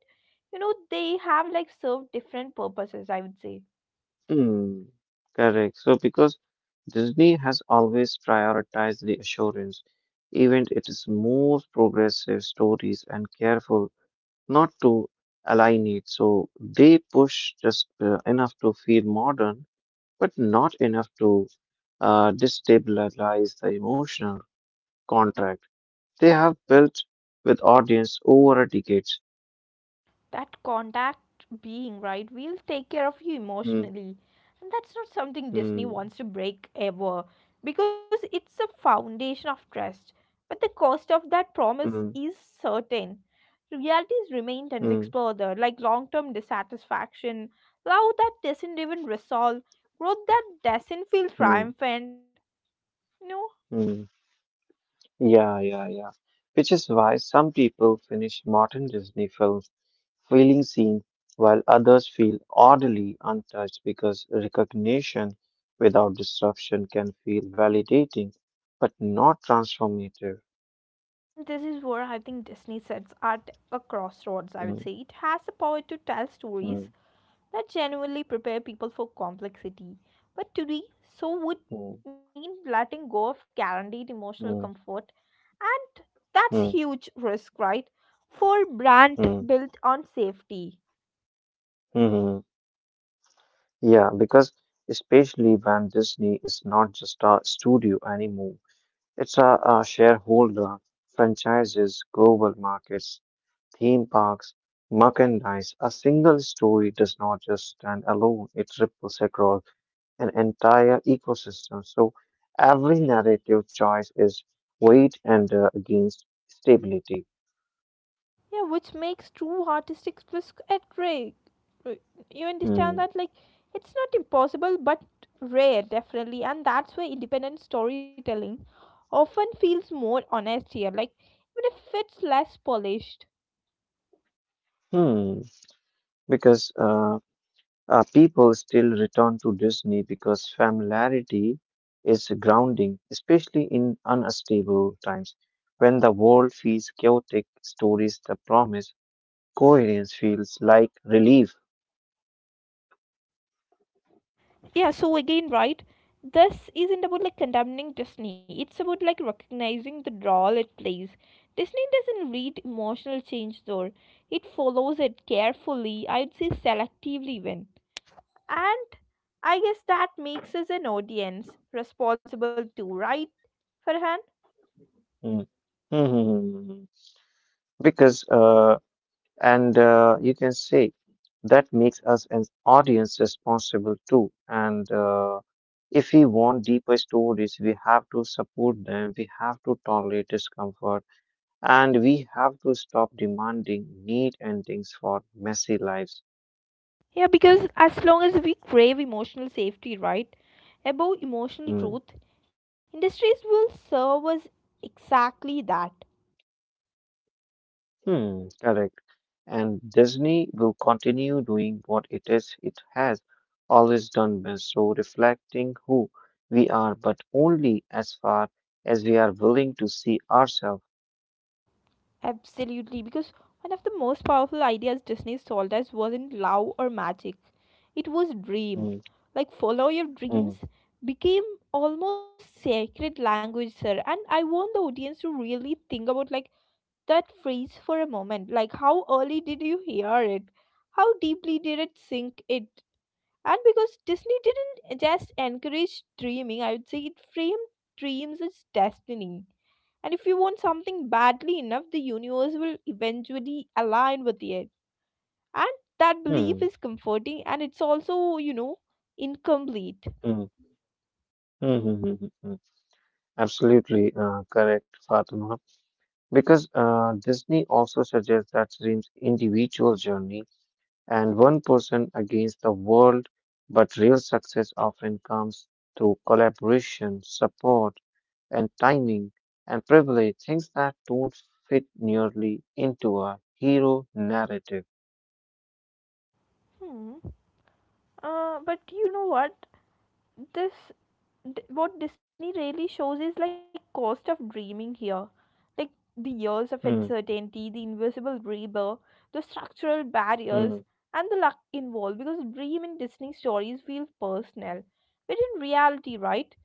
S1: you know they have like served different purposes I would say.
S2: Hmm. Correct. So because Disney has always prioritized reassurance, even it is most progressive stories and careful not to align it. So they push just enough to feel modern, but not enough to destabilize the emotional contract they have built with audience over a decade.
S1: That contact being, right? We'll take care of you
S2: Hmm.
S1: emotionally. And that's not something
S2: Hmm.
S1: Disney wants to break ever because it's a foundation of trust. But the cost of that promise is certain. Realities remained
S2: Mm,
S1: unexplored, like long term dissatisfaction, love that doesn't even resolve, growth that doesn't feel
S2: mm,
S1: triumphant. You know,
S2: mm. Yeah, yeah, yeah. Which is why some people finish modern Disney films feeling seen, while others feel oddly untouched because recognition without disruption can feel validating, but not transformative.
S1: this is where I think Disney sets at a crossroads, I would say.
S2: Mm,
S1: It has the power to tell
S2: mm,
S1: stories that genuinely prepare people for complexity. But today, so would
S2: mm,
S1: mean letting go of guaranteed emotional
S2: mm,
S1: comfort, and that's
S2: mm,
S1: huge risk, right? For brand
S2: mm,
S1: built on safety,
S2: mhm. Yeah, because especially when Disney is not just a studio anymore. It's a shareholder, franchises, global markets, theme parks, merchandise. A single story does not just stand alone, it ripples across an entire ecosystem. So every narrative choice is weighed and against stability.
S1: yeah, which makes true artistic risk at rare. You
S2: Hmm.
S1: understand that? Like, it's not impossible, but rare, definitely, and that's where independent storytelling often feels more honest here. Like, even if it's less polished.
S2: Hmm. Because people still return to Disney because familiarity is grounding, especially in unstable times. When the world feels chaotic, stories that promise coherence feels like relief.
S1: Yeah so again right, this isn't about like condemning Disney, it's about like recognizing the role it plays. Disney doesn't read emotional change though, it follows it carefully I'd say, selectively even. And I guess that makes us an audience responsible too right, Farhan?
S2: Mm. Mhm. Because, and you can say that makes us an audience responsible too. And if we want deeper stories, we have to support them, we have to tolerate discomfort. And we have to stop demanding neat endings for messy lives.
S1: Yeah because as long as we crave emotional safety right above
S2: Hmm.
S1: emotional truth, industries will serve us exactly that.
S2: Hmm, correct. And Disney will continue doing what it has always done best, so reflecting who we are, but only as far as we are willing to see ourselves.
S1: Absolutely, because one of the most powerful ideas Disney sold us wasn't love or magic. It was
S2: Hmm.
S1: dream. Like follow your
S2: Hmm.
S1: dreams became almost sacred language, sir. And I want the audience to really think about like that phrase for a moment. Like how early did you hear it? How deeply did it sink it? And because Disney didn't just encourage dreaming, I would say it framed dreams as destiny, and if you want something badly enough, the universe will eventually align with it. And that belief
S2: Hmm.
S1: is comforting and it's also, you know, incomplete.
S2: Hmm. Hmm. Hmm, hmm, hmm, hmm, absolutely correct, Fatima. Because Disney also suggests that dreams individual journey and one person against the world, but real success often comes through collaboration, support, and timing and privilege, things that don't fit nearly into a hero narrative.
S1: Hmm. But you know what? This, what Disney really shows is like cost of dreaming here. Like the years of
S2: Hmm,
S1: uncertainty, the invisible rebirth, the structural
S2: hmm,
S1: barriers, and the luck involved. Because dream in Disney stories feels personal. But in reality, right?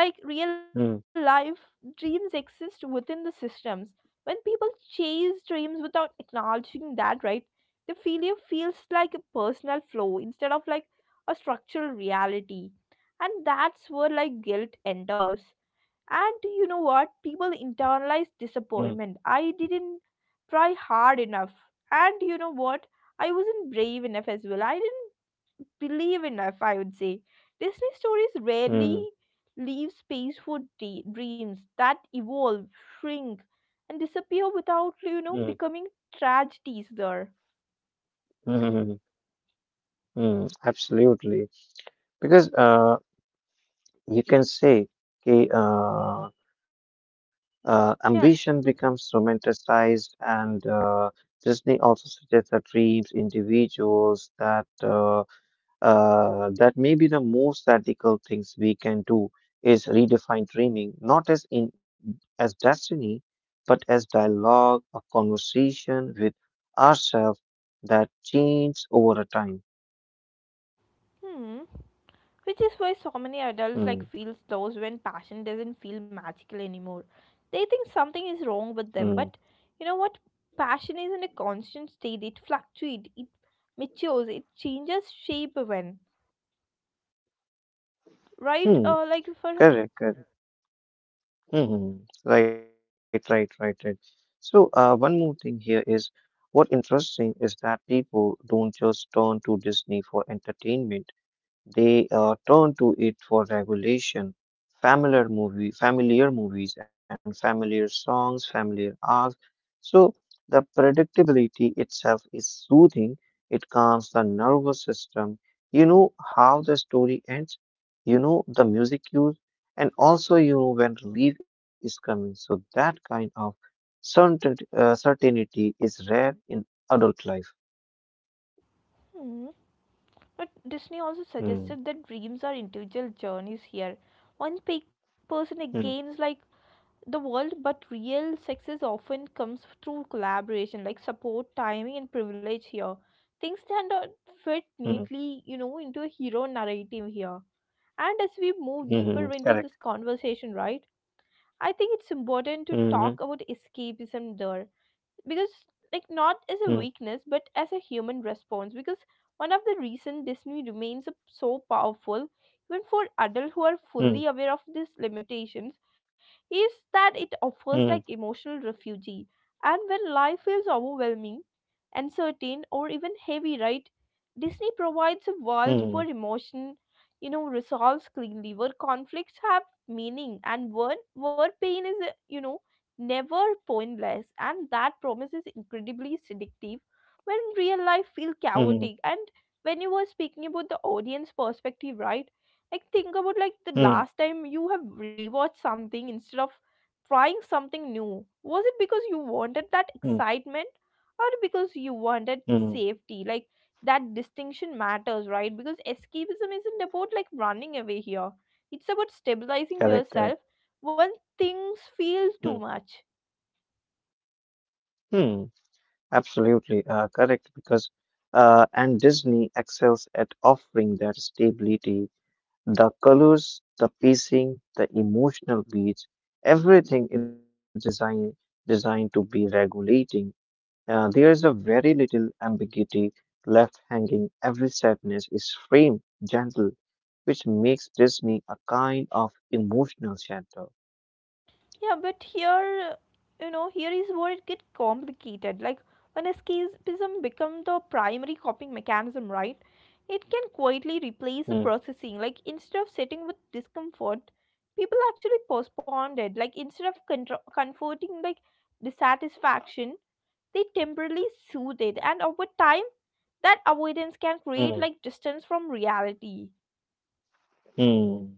S1: Like real
S2: hmm,
S1: life dreams exist within the systems when people chase dreams without acknowledging that, right, the failure feels like a personal flaw instead of like a structural reality. And that's where like guilt enters. And you know what, people internalize
S2: hmm,
S1: disappointment. I didn't try hard enough. And you know what, I wasn't brave enough as well. I didn't believe enough, I would say. Disney stories rarely
S2: hmm,
S1: leave space for dreams that evolve, shrink, and disappear without, you
S2: hmm,
S1: know, becoming tragedies there.
S2: hmm, hmm, hmm, absolutely. Because you can say, okay, ambition
S1: Yeah.
S2: becomes romanticized, and Disney also suggests that dreams, individuals, that that maybe the most radical things we can do is redefine dreaming, not as in as destiny, but as dialogue, a conversation with ourselves that changes over a time.
S1: Hmm. Which is why so many adults
S2: Mm,
S1: like feel those when passion doesn't feel magical anymore. They think something is wrong with them,
S2: mm,
S1: but you know what? Passion is in a constant state. It fluctuates. It matures. It changes shape even. Right?
S2: hmm.
S1: Like for
S2: Correct, correct. Hmm. Right, right, right, right. So, one more thing here is what interesting is that people don't just turn to Disney for entertainment. They turn to it for regulation. Familiar movies, and familiar songs, familiar arcs. So the predictability itself is soothing. It calms the nervous system. You know how the story ends. You know the music cues, and also you know when relief is coming. So that kind of certainty is rare in adult life.
S1: hmm. But Disney also
S2: Hmm.
S1: suggested that dreams are individual journeys here. One person
S2: Hmm.
S1: gains like the world, but real success often comes through collaboration, like support, timing, and privilege here. Things that don't fit
S2: Hmm.
S1: neatly, you know, into a hero narrative here. And as we move
S2: Hmm.
S1: deeper into this conversation, right, I think it's important to
S2: Hmm.
S1: talk about escapism there, because like not as
S2: Hmm.
S1: a weakness but as a human response. Because one of the reason Disney remains so powerful even for adults who are fully
S2: Hmm.
S1: aware of these limitations is that it offers
S2: Mm,
S1: like emotional refuge. And when life feels overwhelming, uncertain or even heavy, right, Disney provides a world where
S2: mm,
S1: emotion, you know, resolves cleanly, where conflicts have meaning, and where pain is, you know, never pointless. And that promise is incredibly seductive when real life feels
S2: mm,
S1: chaotic. And when you were speaking about the audience perspective, right, like think about like the
S2: mm,
S1: last time you have rewatched something instead of trying something new. Was it because you wanted that
S2: mm,
S1: excitement, or because you wanted
S2: mm.
S1: safety? Like that distinction matters, right, because escapism isn't about like running away here. It's about stabilizing
S2: Correct, correct.
S1: yourself when things
S2: Mm,
S1: feel too much.
S2: mm. Absolutely, correct. Because, and Disney excels at offering that stability, the colors, the pacing, the emotional beats, everything is designed to be regulating. There is a very little ambiguity left hanging. Every sadness is framed gentle, which makes Disney a kind of emotional shelter.
S1: Yeah, but here, you know, here is where it gets complicated. Like, when escapism becomes the primary coping mechanism, right? It can quietly
S2: Mm,
S1: replace the processing. Like, instead of sitting with discomfort, people actually postponed it. Like, instead of contro comforting, like, dissatisfaction, they temporarily soothe it. And over time, that avoidance can
S2: mm,
S1: create, like, distance from reality.
S2: mm.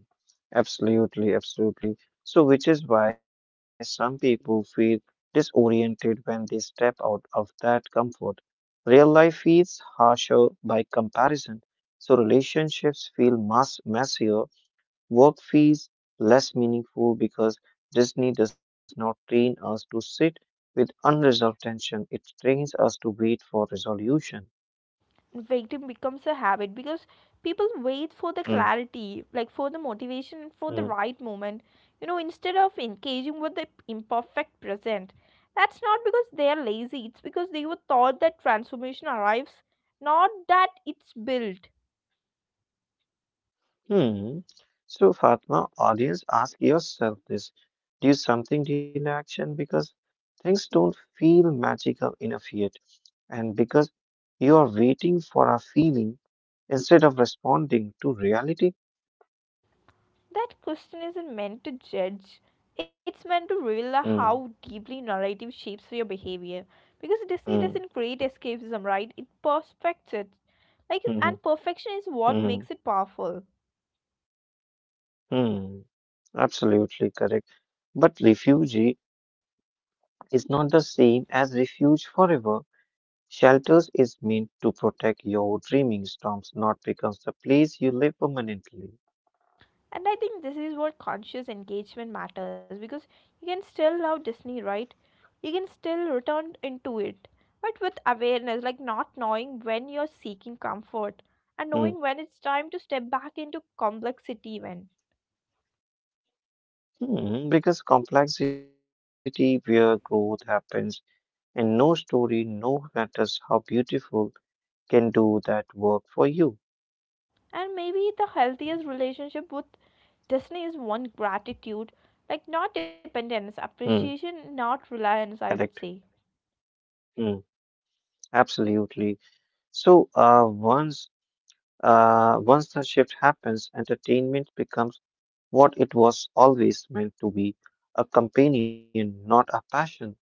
S2: Absolutely, absolutely. So, which is why some people feel disoriented when they step out of that comfort. Real life feels harsher by comparison. So, relationships feel mass messier. Work feels less meaningful because Disney does not train us to sit with unresolved tension. It trains us to wait for resolution.
S1: Waiting becomes a habit because people wait for the
S2: Mm,
S1: clarity, like for the motivation, for the right moment, you know, instead of engaging with the imperfect present. That's not because they are lazy. It's because they were taught that transformation arrives, not that it's built.
S2: hmm. So, Fatma, audience, ask yourself this. Do something deal action because things don't feel magical enough yet, and because you are waiting for a feeling instead of responding to reality?
S1: That question isn't meant to judge. It's meant to reveal the how
S2: Hmm.
S1: deeply narrative shapes your behavior. Because Disney
S2: Hmm.
S1: doesn't create escapism, right? It perfects it. Like
S2: Hmm.
S1: and perfection is what
S2: Hmm.
S1: makes it powerful.
S2: Hmm. Absolutely correct. But refugee is not the same as refuge forever. Shelters is meant to protect your dreaming storms, not becomes the place you live permanently.
S1: And I think this is what conscious engagement matters, because you can still love Disney, right? You can still return into it. But with awareness, like not knowing when you're seeking comfort and knowing
S2: Hmm.
S1: when it's time to step back into complexity even.
S2: Hmm, because complexity, where growth happens, and no story, no matters how beautiful, can do that work for you.
S1: And maybe the healthiest relationship with Disney is one gratitude, like not dependence,
S2: Hmm,
S1: appreciation, not reliance, I
S2: correct.
S1: would say.
S2: Hmm, absolutely. So, once the shift happens, entertainment becomes what it was always meant to be, a companion, not a passion.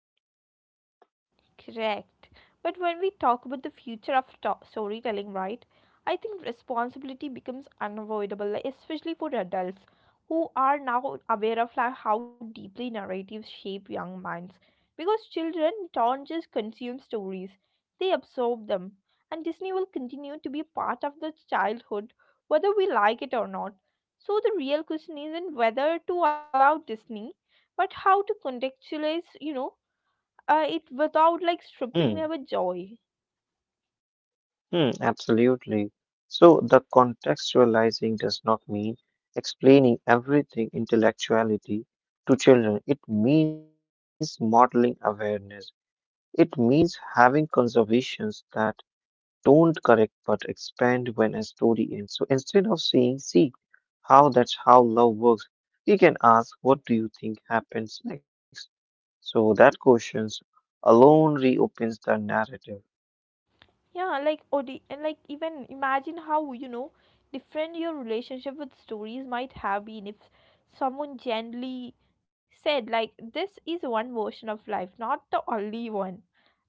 S1: Correct. But when we talk about the future of storytelling, right, I think responsibility becomes unavoidable, like, especially for adults who are now aware of like, how deeply narratives shape young minds. Because children don't just consume stories, they absorb them. And Disney will continue to be a part of the childhood, whether we like it or not. So the real question isn't whether to allow Disney, but how to contextualize, you know, it without like stripping
S2: Hmm.
S1: their joy.
S2: Hmm, absolutely. So the contextualizing does not mean explaining everything intellectuality to children. It means modeling awareness. It means having conversations that don't correct but expand when a story ends. So instead of saying, see how that's how love works, we can ask, what do you think happens next? So that questions alone reopens the narrative.
S1: Yeah, like or the and like even imagine how, you know, different your relationship with stories might have been if someone gently said like this is one version of life, not the only one.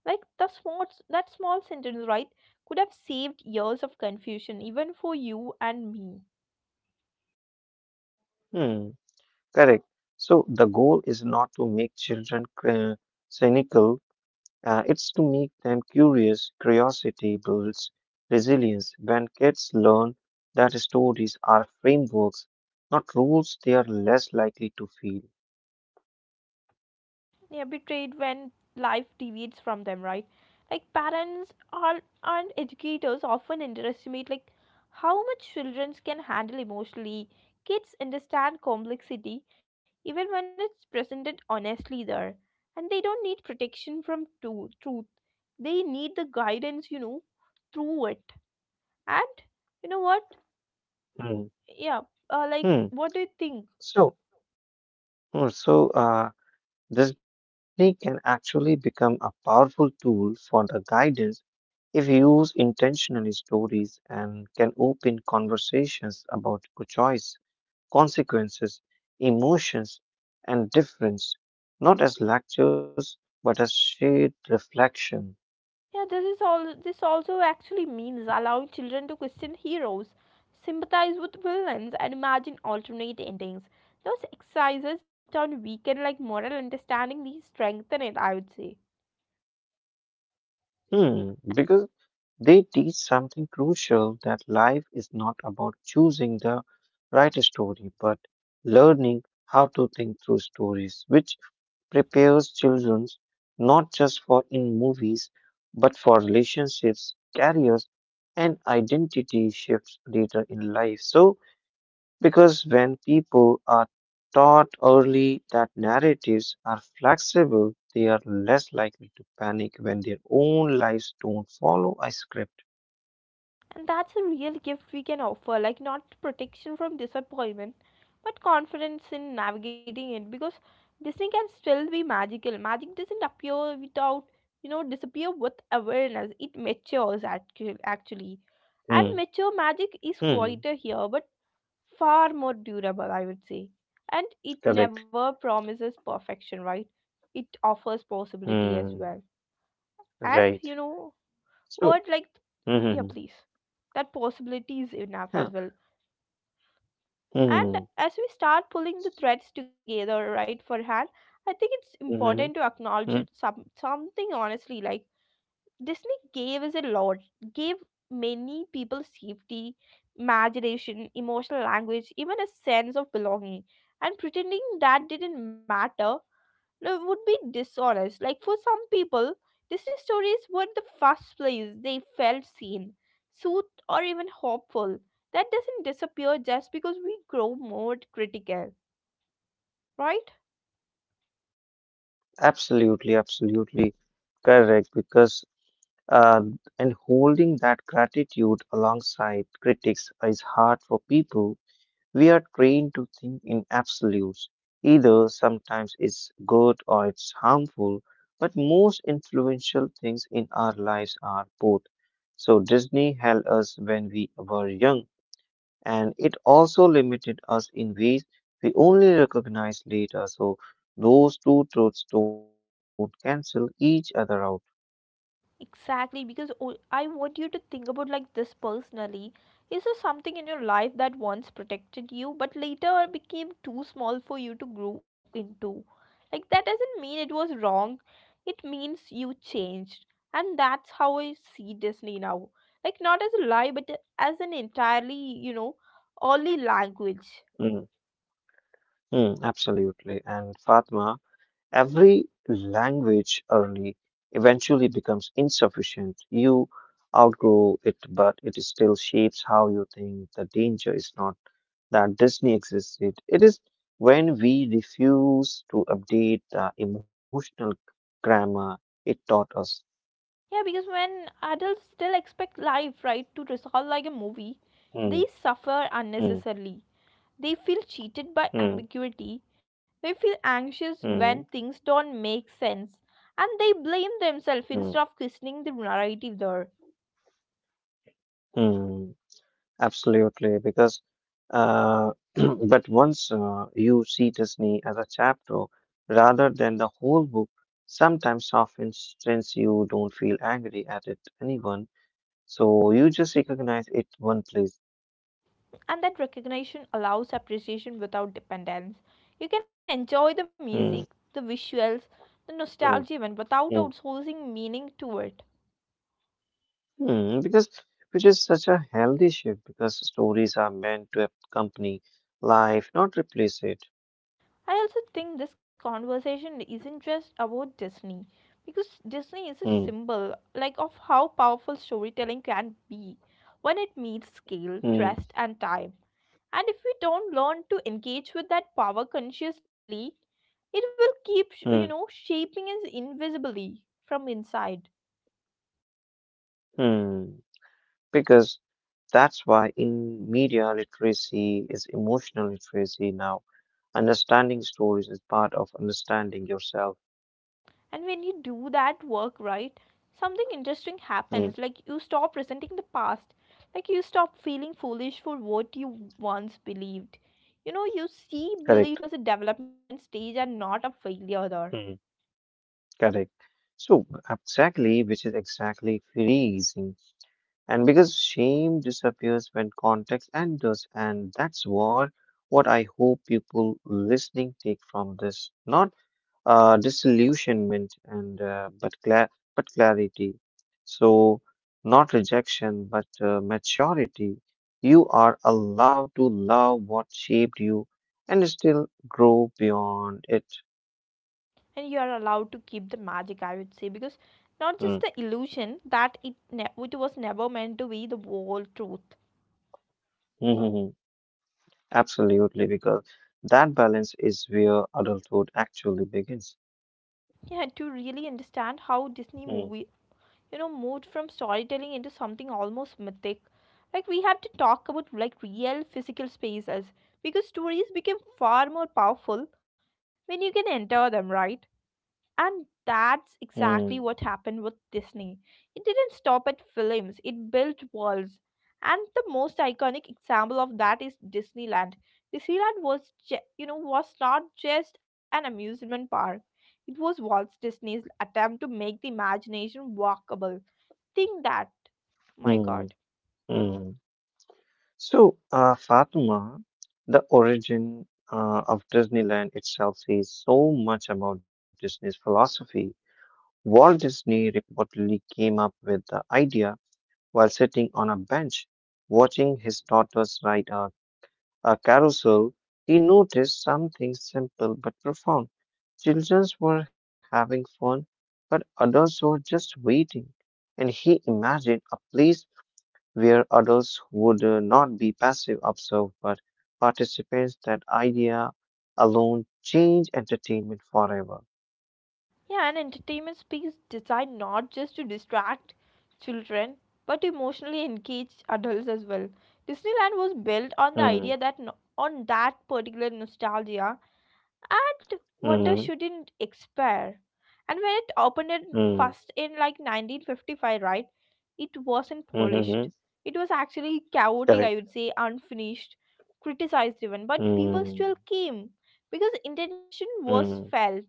S1: Like the small that small sentence, right, could have saved years of confusion even for you and me.
S2: Hmm. Correct. So the goal is not to make children cynical, it's to make them curious. Curiosity builds resilience. When kids learn that stories are frameworks, not rules, they are less likely to feel.
S1: Yeah, betrayed when life deviates from them, right? Like parents are and educators often underestimate like how much children can handle emotionally. Kids understand complexity even when it's presented honestly there. And they don't need protection from truth. They need the guidance, you know, through it. And you know what?
S2: Hmm.
S1: Yeah. Like
S2: Hmm.
S1: what do you think?
S2: So, so, Disney can actually become a powerful tool for the guidance if used intentionally stories and can open conversations about good choice, consequences, emotions, and difference, not as lectures but as shared reflection.
S1: Yeah, this is all this also actually means allowing children to question heroes, sympathize with villains and imagine alternate endings. Those exercises don't weaken like moral understanding, they strengthen it, I would say.
S2: Because they teach something crucial that life is not about choosing the right story but learning how to think through stories, which prepares children not just for in movies but for relationships, careers, and identity shifts later in life. Because when people are taught early that narratives are flexible, they are less likely to panic when their own lives don't follow a script.
S1: And that's a real gift we can offer, like not protection from disappointment, but confidence in navigating it. Because Disney can still be magical. Magic doesn't appear without, you know, disappear with awareness. It matures actually. And
S2: Hmm.
S1: mature magic is
S2: Hmm.
S1: quieter here, but far more durable, I would say. And it
S2: Correct.
S1: never promises perfection, right? It offers possibility as
S2: Hmm.
S1: well. And,
S2: Right.
S1: you know,
S2: So.
S1: what, like, yeah,
S2: Hmm.
S1: please, that possibility is enough
S2: Huh.
S1: as well.
S2: Hmm.
S1: And as we start pulling the threads together, right, for hand, I think it's
S2: Hmm.
S1: important to
S2: Hmm.
S1: acknowledge it some, something honestly. Like Disney gave us a lot, gave many people safety, imagination, emotional language, even a sense of belonging. And pretending that didn't matter, no, would be dishonest. Like for some people, Disney stories were the first place they felt seen, soothed, or even hopeful. That doesn't disappear just because we grow more critical, right?
S2: Absolutely. Absolutely. Correct. Because uh, and holding that gratitude alongside critics is hard for people. We are trained to think in absolutes. Either sometimes it's good or it's harmful, but most influential things in our lives are both. So Disney held us when we were young, and it also limited us in ways we only recognize later. So those two truths don't cancel each other out.
S1: Exactly, because I want you to think about like this personally. Is there something in your life that once protected you but later became too small for you to grow into? Like that doesn't mean it was wrong. It means you changed. And that's how I see Disney now. Like not as a lie but as an entirely, you know, only language.
S2: Mm, absolutely. And Fatma, Every language early eventually becomes insufficient. You outgrow it, but it still shapes how you think. The danger is not that Disney existed, it is when we refuse to update the emotional grammar it taught us.
S1: Yeah, because when adults still expect life, right, to resolve like a movie, they
S2: Hmm,
S1: suffer
S2: hmm,
S1: unnecessarily. They feel cheated by
S2: hmm,
S1: ambiguity. They feel anxious when
S2: hmm,
S1: things don't make sense. And they blame themselves
S2: hmm,
S1: instead of questioning the narrative there.
S2: hmm. Absolutely, because Uh, (clears throat) but once you see Disney as a chapter rather than the whole book, sometimes softens since you don't feel angry at it anyone. So you just recognize it one place.
S1: And that recognition allows appreciation without dependence. You can enjoy the music,
S2: Mm,
S1: the visuals, the
S2: mm,
S1: nostalgia even without
S2: mm,
S1: outsourcing meaning to it.
S2: mm, because which is such a healthy shift because stories are meant to accompany life, not replace it.
S1: I also think this conversation isn't just about Disney, because Disney is a
S2: Mm,
S1: symbol like of how powerful storytelling can be when it meets scale,
S2: mm,
S1: trust and time. And if we don't learn to engage with that power consciously, it will keep, you
S2: mm,
S1: know, shaping us invisibly from inside.
S2: mm. Because that's why in media literacy is emotional literacy now. Understanding stories is part of understanding yourself.
S1: And when you do that work, right, something interesting
S2: Mm,
S1: happens. Like you stop resenting the past. Like you stop feeling foolish for what you once believed. You know, you see
S2: correct.
S1: belief as a development stage and not a failure there.
S2: Hmm. Correct. So exactly, which is exactly freezing. And because shame disappears when context enters, and that's what I hope people listening take from this. Not disillusionment, but clarity. So not rejection but maturity. You are allowed to love what shaped you and still grow beyond it.
S1: And you are allowed to keep the magic, I would say, because not just
S2: Mm,
S1: the illusion that it, it was never meant to be the whole truth.
S2: mhm, mhm. Absolutely, because that balance is where adulthood actually begins.
S1: Yeah, to really understand how Disney
S2: Mm,
S1: movie, you know, moved from storytelling into something almost mythic, like we have to talk about like real physical spaces, because stories become far more powerful when you can enter them, right? And that's
S2: mm,
S1: exactly what happened with Disney. It didn't stop at films, it built worlds. And the most iconic example of that is Disneyland. Disneyland was you know was not just an amusement park. It was Walt Disney's attempt to make the imagination walkable. Think that, my
S2: mm,
S1: god.
S2: mm. So, Fatima, the origin of Disneyland itself says so much about Disney's philosophy. Walt Disney reportedly came up with the idea while sitting on a bench, watching his daughters ride a carousel. He noticed something simple but profound. Children were having fun, but adults were just waiting. And he imagined a place where adults would not be passive observers but participants. That idea alone changed entertainment forever.
S1: Yeah, an entertainment space designed not just to distract children but to emotionally engage adults as well. Disneyland was built on the
S2: Mm,
S1: idea that on that particular nostalgia and wonder
S2: mm,
S1: shouldn't expire. And when it opened in
S2: mm,
S1: first in like 1955, right? It wasn't
S2: mm-hmm,
S1: polished. It was actually chaotic, I
S2: correct.
S1: would say, unfinished, criticized even, but people
S2: Mm,
S1: still came because intention was
S2: mm,
S1: felt.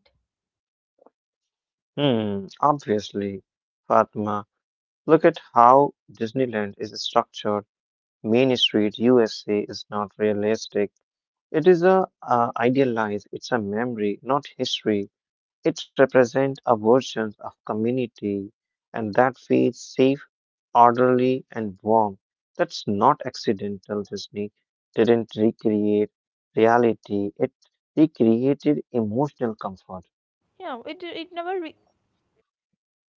S2: mm. Obviously, Fatma, look at how Disneyland is structured. Main Street, USA, is not realistic. It is a idealized. It's a memory, not history. It represents a version of community and that feels safe, orderly, and warm. That's not accidental. Disney didn't recreate reality, it
S1: Yeah, it
S2: recreated
S1: never re-
S2: emotional comfort.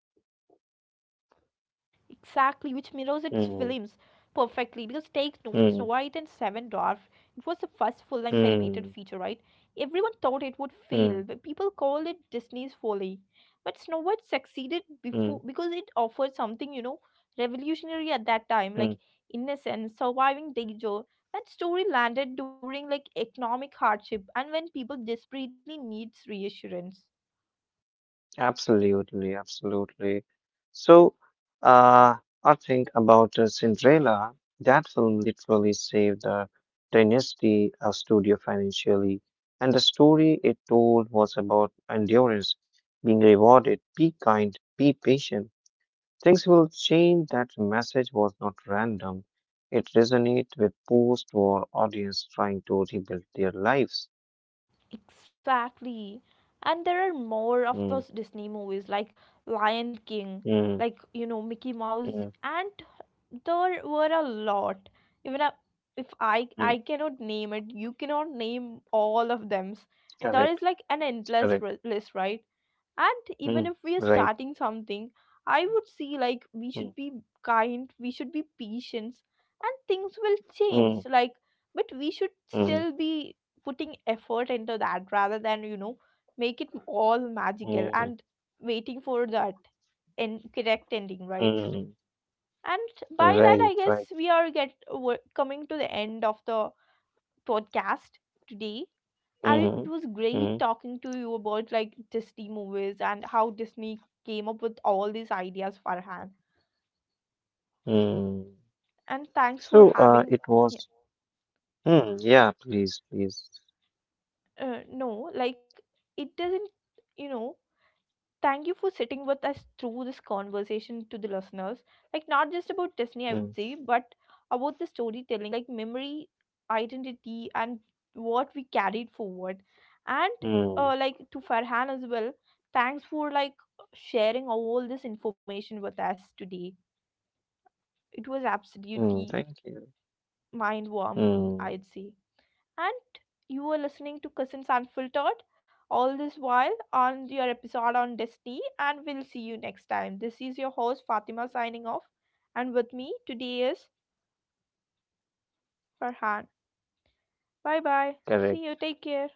S1: Exactly, which mirrors its films perfectly because
S2: Mm,
S1: take Snow White and Seven
S2: mm,
S1: Dwarf, it was the first full-length animated feature, right?
S2: mm,
S1: Everyone thought it would fail, but
S2: mm,
S1: people called it Disney's folly. But Snow White succeeded
S2: mm,
S1: before because it offered something, you know, revolutionary at that time,
S2: mm.
S1: like innocence, surviving danger. That story landed during like economic hardship and when people desperately needs reassurance.
S2: Absolutely, absolutely. So, uh, I think about Cinderella. That film literally saved the dynasty studio financially, and the story it told was about endurance, being rewarded. Be kind, be patient. Things will change. That message was not random. It resonated with post-war audience trying to rebuild their lives.
S1: Exactly. And there are more of
S2: Mm,
S1: those Disney movies like Lion King,
S2: mm,
S1: like, you know, Mickey Mouse,
S2: mm,
S1: and there were a lot. Even a- if I
S2: mm.
S1: cannot name it, you cannot name all of them. There is
S2: Correct,
S1: like an endless
S2: correct.
S1: list, right? And even
S2: Mm,
S1: if we are
S2: right.
S1: starting something, I would see like we
S2: Mm,
S1: should be kind, we should be patient, and things will
S2: mm,
S1: change. Like, but we should
S2: mm,
S1: still be putting effort into that rather than, you know, make it all magical
S2: mm,
S1: and waiting for that and correct ending, right?
S2: mm.
S1: And by that
S2: Right,
S1: I
S2: right.
S1: guess we are get we're coming to the end of the podcast today. And it was
S2: Mm-hmm.
S1: great
S2: Mm,
S1: talking to you about like Disney movies and how Disney came up with all these ideas, Farhan.
S2: mm.
S1: And thanks for
S2: So,
S1: having,
S2: it
S1: yeah,
S2: was. Mm, yeah, please, please.
S1: no like it doesn't, you know, thank you for sitting with us through this conversation to the listeners. Like, not just about Disney, I
S2: Mm,
S1: would say, but about the storytelling, like memory, identity, and what we carried forward. And,
S2: mm,
S1: like, to Farhan as well, thanks for, like, sharing all this information with us today. It was
S2: mm.
S1: absolutely
S2: Thank you.
S1: mind warming,
S2: Mm,
S1: I'd say. And you were listening to Cousins Unfiltered all this while on your episode on Destiny, and we'll see you next time. This is your host Fatima signing off, and with me today is Farhan. Bye bye. See you.
S2: correct.
S1: Take care.